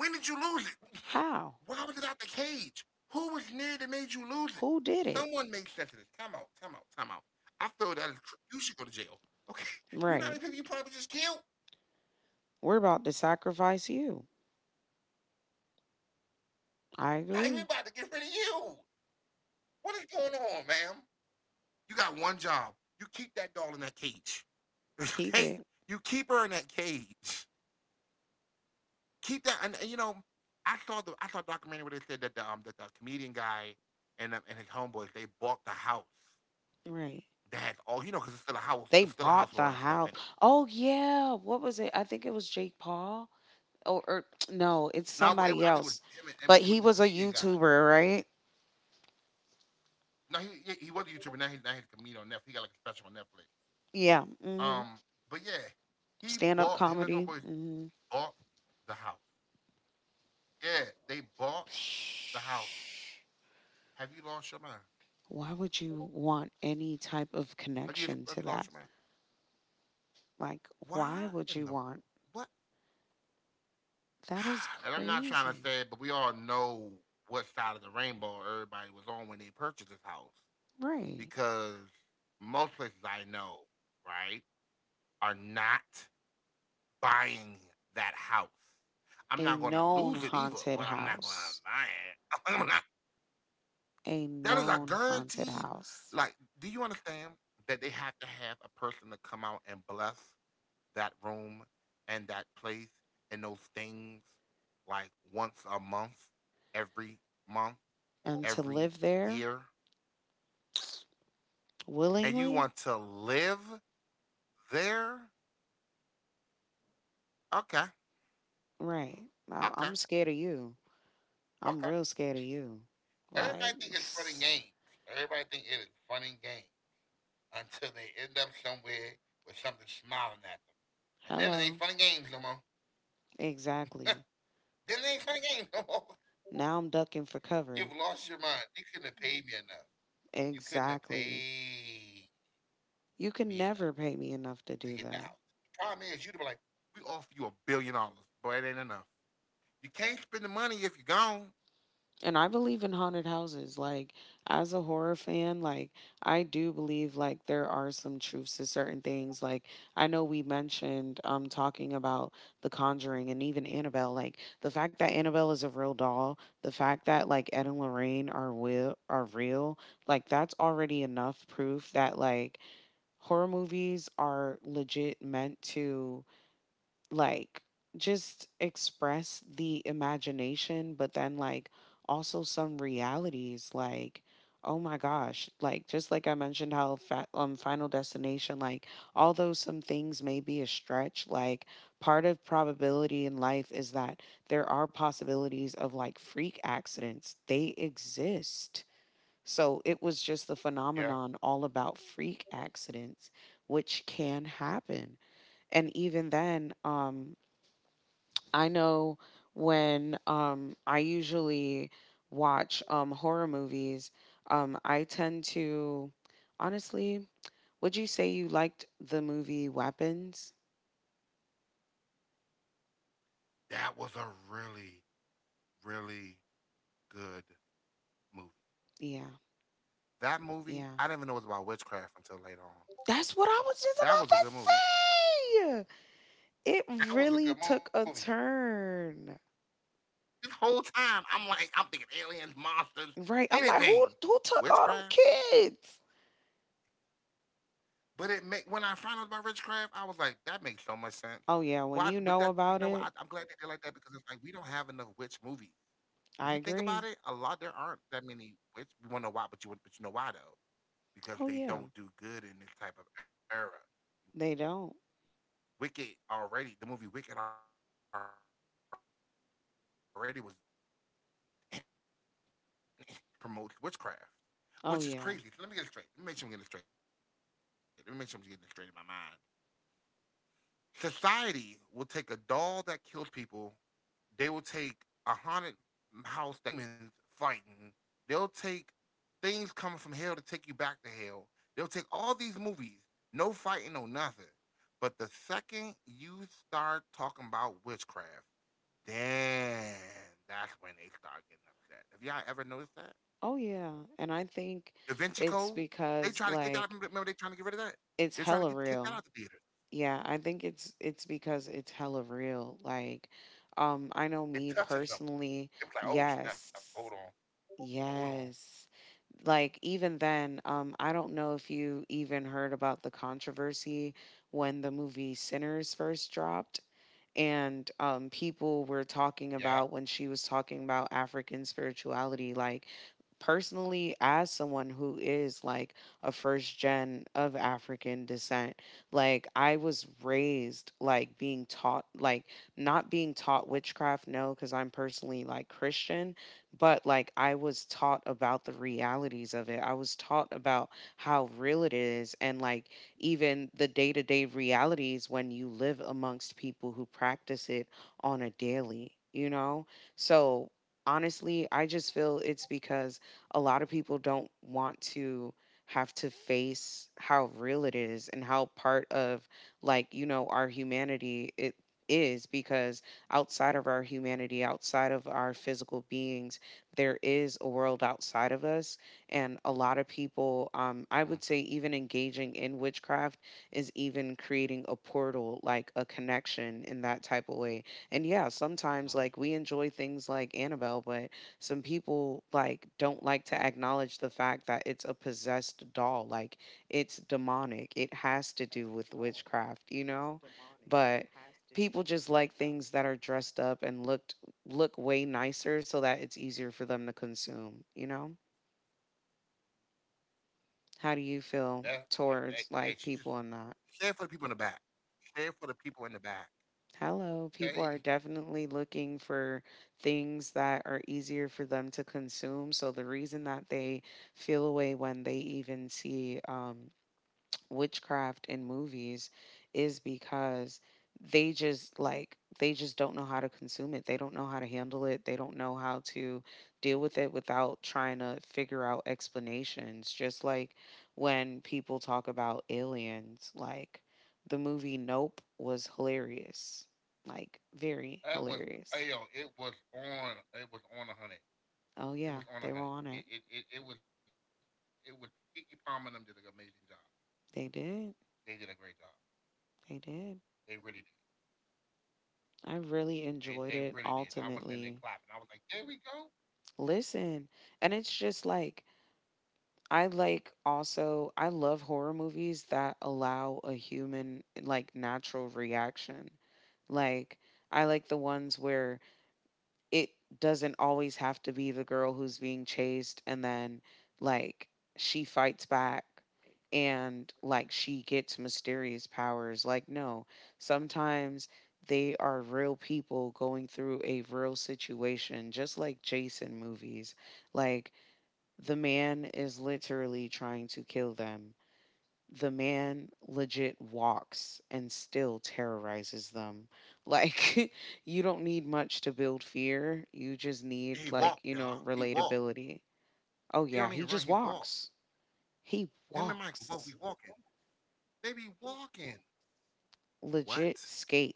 When did you lose it? How? Why was it out the cage? Who was near that made you lose it? Who did it? Someone make sense of this. Time out, time out, time out. I feel you should go to jail. Okay, you know Right. how many people you probably just killed? We're about to sacrifice you. I Now we agree. about to get rid of you. What is going on, ma'am? You got one job. You keep that doll in that cage. Keep it. Okay, you keep her in that cage. Keep that. I saw a documentary where they said that the comedian guy and his homeboys they bought the house. Right. That's all you know, because They it's still a bought house. the It's still a house. house with all that Oh stuff in it. yeah. What was it? I think it was Jake Paul or no, it's somebody Now else. I think it was But he him. was And, a it, was, it was the YouTuber, comedian guy. right? No, he was a YouTuber. Now he's a comedian on Netflix. He got like a special on Netflix. Yeah. hmm Um, but yeah, he Stand up bought him and his comedy. homeboys Hmm bought the house. Yeah, they bought the house. Have you lost your mind? Why would you want any type of Have you connection have to you that? lost your mind? Like, Why why would in you the want? what? That is And I'm not trying to crazy. say it, but we all know what side of the rainbow everybody was on when they purchased this house. Right. Because most places I know, right, are not buying that house. I'm A not going to known lose it either, haunted but I'm not going to house. buy it. I'm not- A That is a known haunted guaranteed. house. Like, do you understand that they have to have a person to come out and bless that room and that place and those things like once a every month, And to every live there year? And you willingly? want to live there? Okay. Right. Okay. I'm scared of you. I'm Okay. real scared of you. Everybody Like, think it's fun and s- games. Everybody think it is fun and game until they end up somewhere with something smiling at them, and then it hello. ain't fun and games no more. Then Exactly. it ain't fun and games no more. Now I'm ducking for You've cover. lost your mind. You couldn't have paid me enough. You couldn't have Exactly. paid You can me never enough pay me enough to do to get the that. house. The problem is, you'd be like, we offer you $1 billion, but it ain't enough. You can't spend the money if you're gone. And I believe in haunted houses. Like, as a horror fan, like, I do believe, like, there are some truths to certain things. Like, I know we mentioned talking about The Conjuring and even Annabelle. Like, the fact that Annabelle is a real doll, the fact that, like, Ed and Lorraine are, will, are real, like, that's already enough proof that, like, horror movies are legit meant to like just express the imagination, but then like also some realities. Like, oh my gosh, like just like I mentioned how Final Destination, like although some things may be a stretch, like part of probability in life is that there are possibilities of like freak accidents. They exist. So it was just the Yeah. phenomenon all about freak accidents, which can happen. And even then, I know when I usually watch horror movies, I tend to, honestly, would you say you liked the movie Weapons? That was a really, really good movie. Yeah, That movie, yeah. I didn't even know it was about witchcraft until later on. That's what I was That just was a good movie. about to say. It That was a good really movie. took a turn, This whole time, I'm like, I'm thinking aliens, monsters, right? I'm like, anything, who took all witchcraft. them kids? But it make when I found out about witchcraft, I was like, that makes so much sense. Oh yeah, when Why? you But know that, you about know what, I, it, I'm glad they did like that because it's like we don't have enough witch movies. I If you think agree. about it, a lot there aren't that many witch. We want to know why, but you know why though. Oh Because yeah, they don't do good in this type of era. they don't. The movie Wicked already was, they already was trying to get that thing put out of theaters because it promotes witchcraft, Oh which yeah. is crazy. So let me get it straight. Let me make sure I'm getting it straight. Let me make sure I'm getting it straight in my mind. Society will take a doll that kills people. They will take a haunted house that kills you. They'll take angels and demons fighting. They'll take things coming from hell to take you back to hell. They'll take all these movies, no fighting, no nothing. But the second you start talking about witchcraft, then that's when they start getting upset. Have y'all ever noticed that? Oh yeah, and I think Da Vinci it's Code, they because try to kick that out. like Remember, they trying to get rid of that. it's They're trying to hella get kick that out real. of the theater. Yeah, I think it's because it's hella real. Like I know It me touches them. It's like, personally, oh snap! Hold on, yes. hold on. Yes. Like even then, I don't know if you even heard about the controversy when the movie Sinners first dropped and people were Yeah. talking about when she was talking about African spirituality, like personally as someone who is like a first gen of African descent, like I was raised like being taught like not being taught witchcraft, no, because I'm personally like Christian. But like I was taught about the realities of it. I was taught about how real it is, and like even the day to day realities when you live amongst people who practice it on a daily, you know? So honestly, I just feel it's because a lot of people don't want to have to face how real it is and how part of like you know our humanity it is. Because outside of our humanity, outside of our physical beings, there is a world outside of us. And a lot of people, I would say, even engaging in witchcraft is even creating a portal, like a connection in that type of way. And yeah, sometimes Hmm. like we enjoy things like Annabelle, but some people like don't like to acknowledge the fact that it's a possessed doll. Like it's demonic, it has to do with witchcraft, you know? But people just like things that are dressed up and look way nicer so that it's easier for them to consume, you know? How do you That, feel that Hey, she towards just like people and stand for that? the people in the back. Stand for the people in the back. Hello, Okay, people are definitely looking for things that are easier for them to consume. So the reason that they feel away when they even see witchcraft in movies is because they just like they just don't know how to consume it. They don't know how to handle it. They don't know how to deal with it without trying to figure out explanations. Just like when people talk about aliens, like the movie Nope was hilarious. Like very that was hilarious. hey, yo, it was on 100. Oh It yeah, was on they a were hundred. on it. It was Kiki Palmer and them did an amazing job. They They did a great did. job. They They really did. did. I They really really did. enjoyed And I was it in there clapping. I was like, ultimately. there we go. Listen, and it's just like I like also I love horror movies that allow a human like natural reaction. Like I like the ones where it doesn't always have to be the girl who's being chased and then like she fights back and like she gets mysterious powers. Like no, sometimes they are real people going through a real situation, just like Jason movies. Like the man is literally trying to kill them. The man legit walks and still terrorizes them. Like, you don't need much to build fear. You just And need, he like, you walked, know, y'all. He walked. relatability. He don't Oh, even run. yeah, He he just walked. walks. He Him and Michael both be walks. walking. They be walking. What? Legit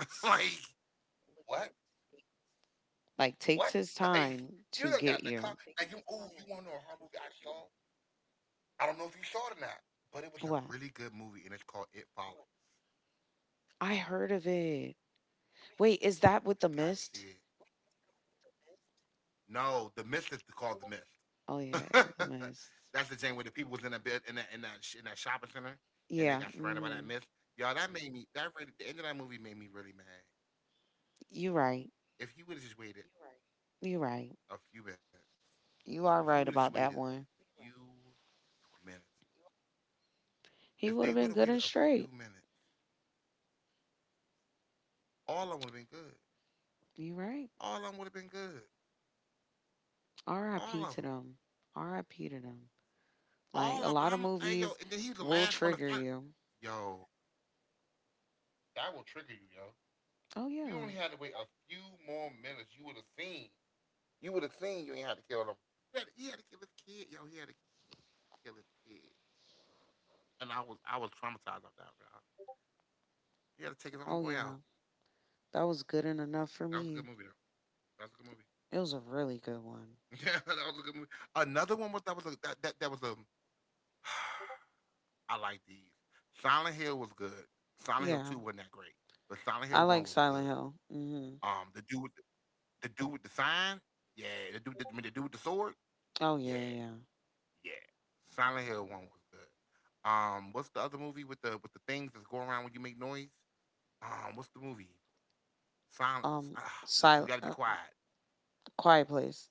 like what? Like, What? takes his Like time you to done got in get the car. you. You wanna know a horror movie I saw? I don't know if you saw it or not, but it was a What? really good movie and it's called It Follows. I heard of it. Wait, is that with You the gotta see mist? it. No, the mist is called the mist. Oh, yeah, yeah the mist. That's the thing where the people was in that bed in that shopping center and they Yeah, got surrounded by that hmm mist. Y'all, that made me that really the end of that movie made me really mad. you're right. If he would have just waited, right, a You're few minutes. right. If he would have just waited You are a right about few that one. minutes. If they would have waited He a would have been few good and minutes, straight. all of them would have been good. You're All of right. them would have been good. All of R.I.P. them. to them. R.I.P. to them. All of Like them. a lot of Hey, yo, and movies then he was the last will one to fight. trigger you. Yo, that will trigger you, yo. Oh You yeah. only had to wait a few more minutes. You would have seen. You would have seen. You ain't had to kill them. He had to kill his kid. Yo, he had to kill his kid. And I was traumatized off that, bro. He had to take his own boy Oh out. yeah. That was good and enough That for was a good me. movie, though. That was a good movie. It was a really good one. Yeah, that was a good movie. Another one was that was a that that, that was a I like these. Silent Hill was good. Silent Hill Yeah. Two wasn't that great, but Silent I Hill like One was Silent good. Hill. Hmm Um, the dude with the, the dude with the sign, yeah. The dude, I mean, the dude with the sword, yeah, Oh yeah, yeah. Yeah. yeah. Silent Hill One was good. What's the other movie with the things that's going around when you make noise? What's the movie? Um, Silence. Ah, you Sil- you got to uh, be quiet. Quiet Place.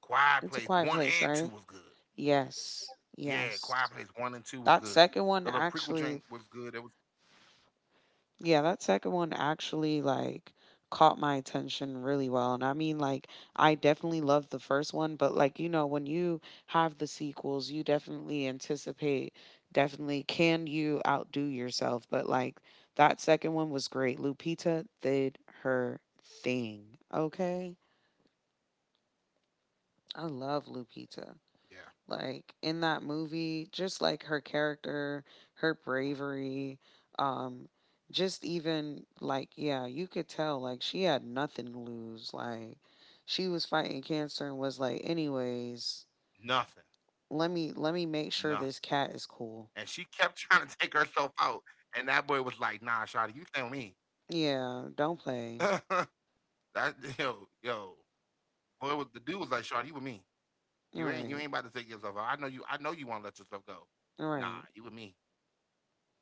Quiet It's a Place Quiet One Place, and Two right? was good. Yes. Yeah, Quiet Yes. Place One and Two was That good. second one The little prequel actually drink was good. It was Yeah, that second one actually like caught my attention really well. And I mean like I definitely loved the first one, but like you know when you have the sequels, you definitely anticipate definitely can you outdo yourself, but like that second one was great. Lupita did her thing. Okay? yeah. I love Lupita like in that No, that movie was the just third like one. The her one the one Lupita did was the character third one. her bravery um just even like yeah you could tell like she had nothing to Yeah, that was lose, good. like she was fighting cancer and was like Nothing. anyways Nothing. let me make And sure she this kept cat is trying to take cool. herself out. And that boy was like, nah, Shotty, you stay with me. Yeah, that, don't play. Yo. Boy was the dude was like, Shotty, you with me. You ain't about to All take right. yourself out. I know you wanna let yourself go. Nah, All you with right. me.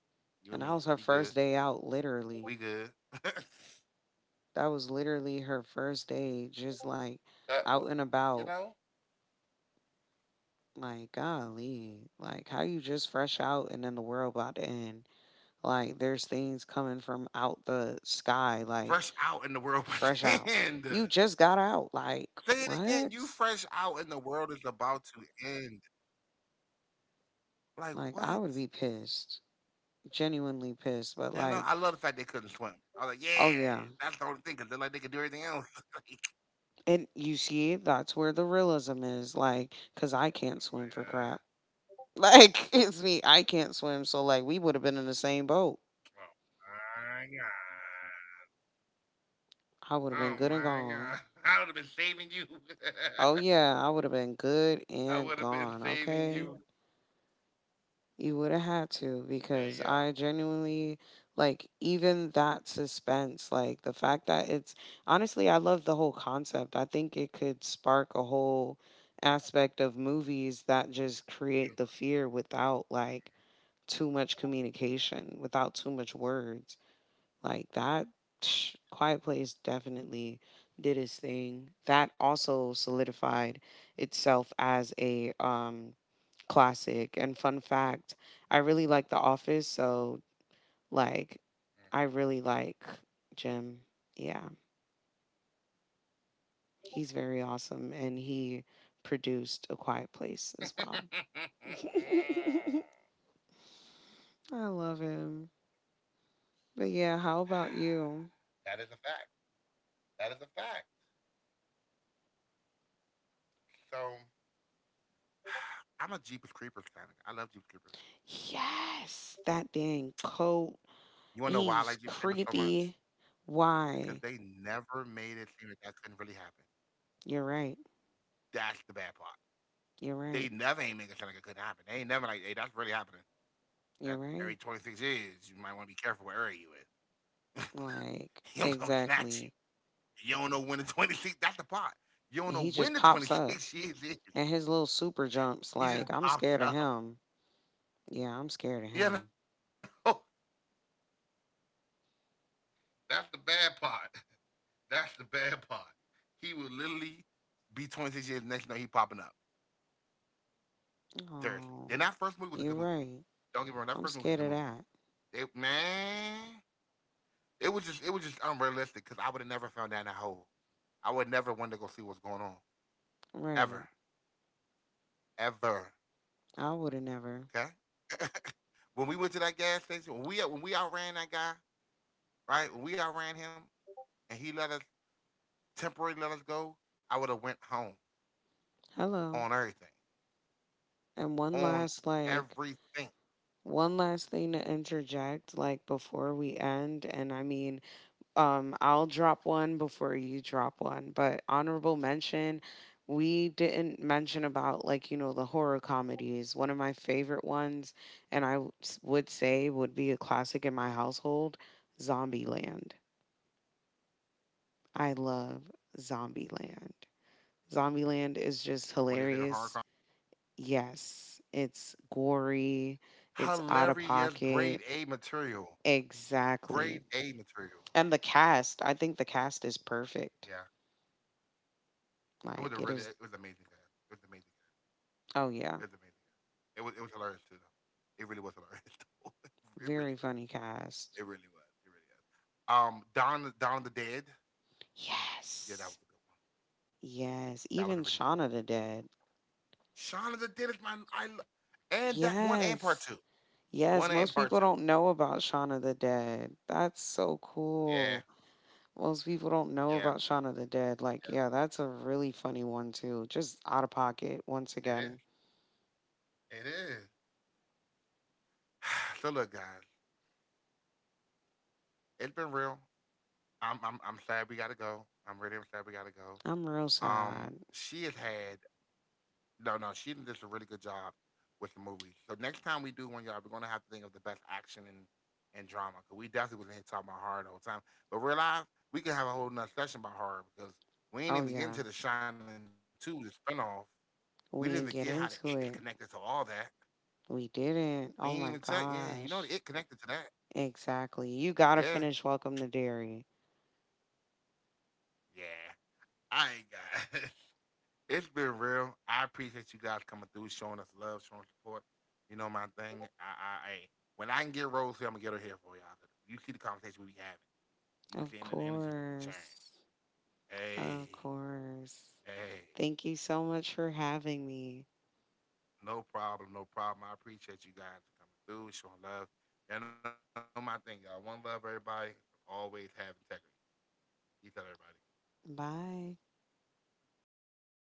You with me. And We that was her good. first day out, We literally. good. that, That was literally her first day just like what, out and you know? about. Like, golly, like how you just fresh out and then the world about to end. Like, there's things coming from out the sky, like Fresh out in the world by fresh the out. end. You just got out. Like, Say it again. You what? fresh out in the world is about to end. Like, I would Like be what? pissed, genuinely pissed. But And like, I love the fact they couldn't swim. I was like, oh yeah, yeah, that's the only thing, because they're like, they could do everything else. like, and you see, that's where the realism is. Like, cause I can't swim for crap. Like, it's me. I can't swim. So like, we would have been in the same boat. Oh I would my have God. been Oh good and my gone. God. I would have been saving you. Oh yeah, I would have been good I and would have gone, been saving okay? you. You would have had to because I Hey, yo, genuinely like even that suspense, like the fact that it's honestly I love the whole concept. I think it could spark a whole aspect of movies that just create the fear universe. without like too much communication, without too much words. Like that psh, Quiet Place definitely did its thing. That also solidified itself as a classic. And fun fact, I really like The Office, so like I really like Jim. Yeah. He's very awesome and he Mhm. produced A Quiet Place as well. I love him. But yeah, how about that is a you? fact. That is a fact. So, I'm a Jeepers Creepers kind of guy. I love Jeepers Creepers. Yes, that dang coat You want to know why I He's like Jeepers Creepers so creepy. much? Why? Because they never made it seem like that couldn't really happen. You're right. That's the bad part. You're right. They never ain't making it seem like it couldn't happen. They ain't never like, hey, that's really happening. You're right. That every 26 years, you might want to be careful where area you in. Like, he don't exactly. come snatch you. You don't know when the 26, that's the And part. he just You pops don't know up when the 26 and his years little is. super jumps. Like, I'm He just scared of pops him. up. Yeah, I'm scared of him. You know? That's the bad part. That's the bad part. He will literally be 26 years next, you know he popping up. Seriously. Oh, Then that first movie was a you're good movie. right. Don't get me wrong, that I'm first movie was a scared good of movie. that. It man, it was just unrealistic because I would have never found that in a hole. I would never want to go see what's going on Right. ever, ever. I would have never. Okay. when we went to that gas station, when we outran that guy, right? When we outran him and he let us temporarily let us go, I would have went home Hello. on everything, And one on last, like, everything. one last thing to interject, like, before we end. And I mean, I'll drop one before you drop one, but honorable mention we didn't mention about like you know the horror comedies. One of my favorite ones and would say would be a classic in my household, Zombieland. One of your favorite horror comedies? I love Zombieland. Zombieland is just hilarious. Yes, it's gory, Hilarious, it's grade out of A pocket. material, grade A Exactly. material. And the cast, I think the cast is Yeah, perfect. it was a really it Like was it is amazing. Guys. It was amazing. It Oh was yeah. amazing. Yeah. It was hilarious too. Though. It really was hilarious. Though. It really Very was. funny It cast. really was. It really is. Dawn of the Dead. Yeah, that was Yes. a good one. Yes. That was a Even really good one. Shauna the Dead. Shaun of the Dead is my I lo- and that one and part Yes. two. Yes. One and Most part people two. don't know about Shauna the Dead. That's so Yeah, cool. Most people don't yeah, know about Shauna the Dead. yeah. Like, yeah, that's a really funny one, too. Just out of pocket, once It is. again. It is. so look, guys, it's been real. I'm sad we gotta go. I'm really I'm sad we gotta go. I'm real sad. She has had No, no, she did a really good job with the movie. So next time we do one, y'all, we're gonna have to think of the best action and drama because we definitely was in here talking about horror the whole time. But real life, we can have a whole nother session about horror because Oh, we ain't even yeah. get into the Shining Two, the spinoff. We didn't even get We didn't how the get it is into connected it. to all that. We We didn't. ain't Oh, even my tell. Yeah, you know the it gosh. connected to that. Exactly. You got to Yeah, finish Welcome to Dairy. yeah. I ain't got. it's been real. I appreciate you guys coming through, showing us love, showing support. You know my thing. I when I can get Rose here, I'm gonna get her here for y'all. All You see the conversation we be having. Of You be seeing the energy we be course. sharing. Of Hey, course. hey, Thank you so much for having me. no problem, no problem. I appreciate you guys for coming through, showing love. Y'all know my thing, y'all. One love, everybody. Always have integrity. Peace out, everybody. Bye.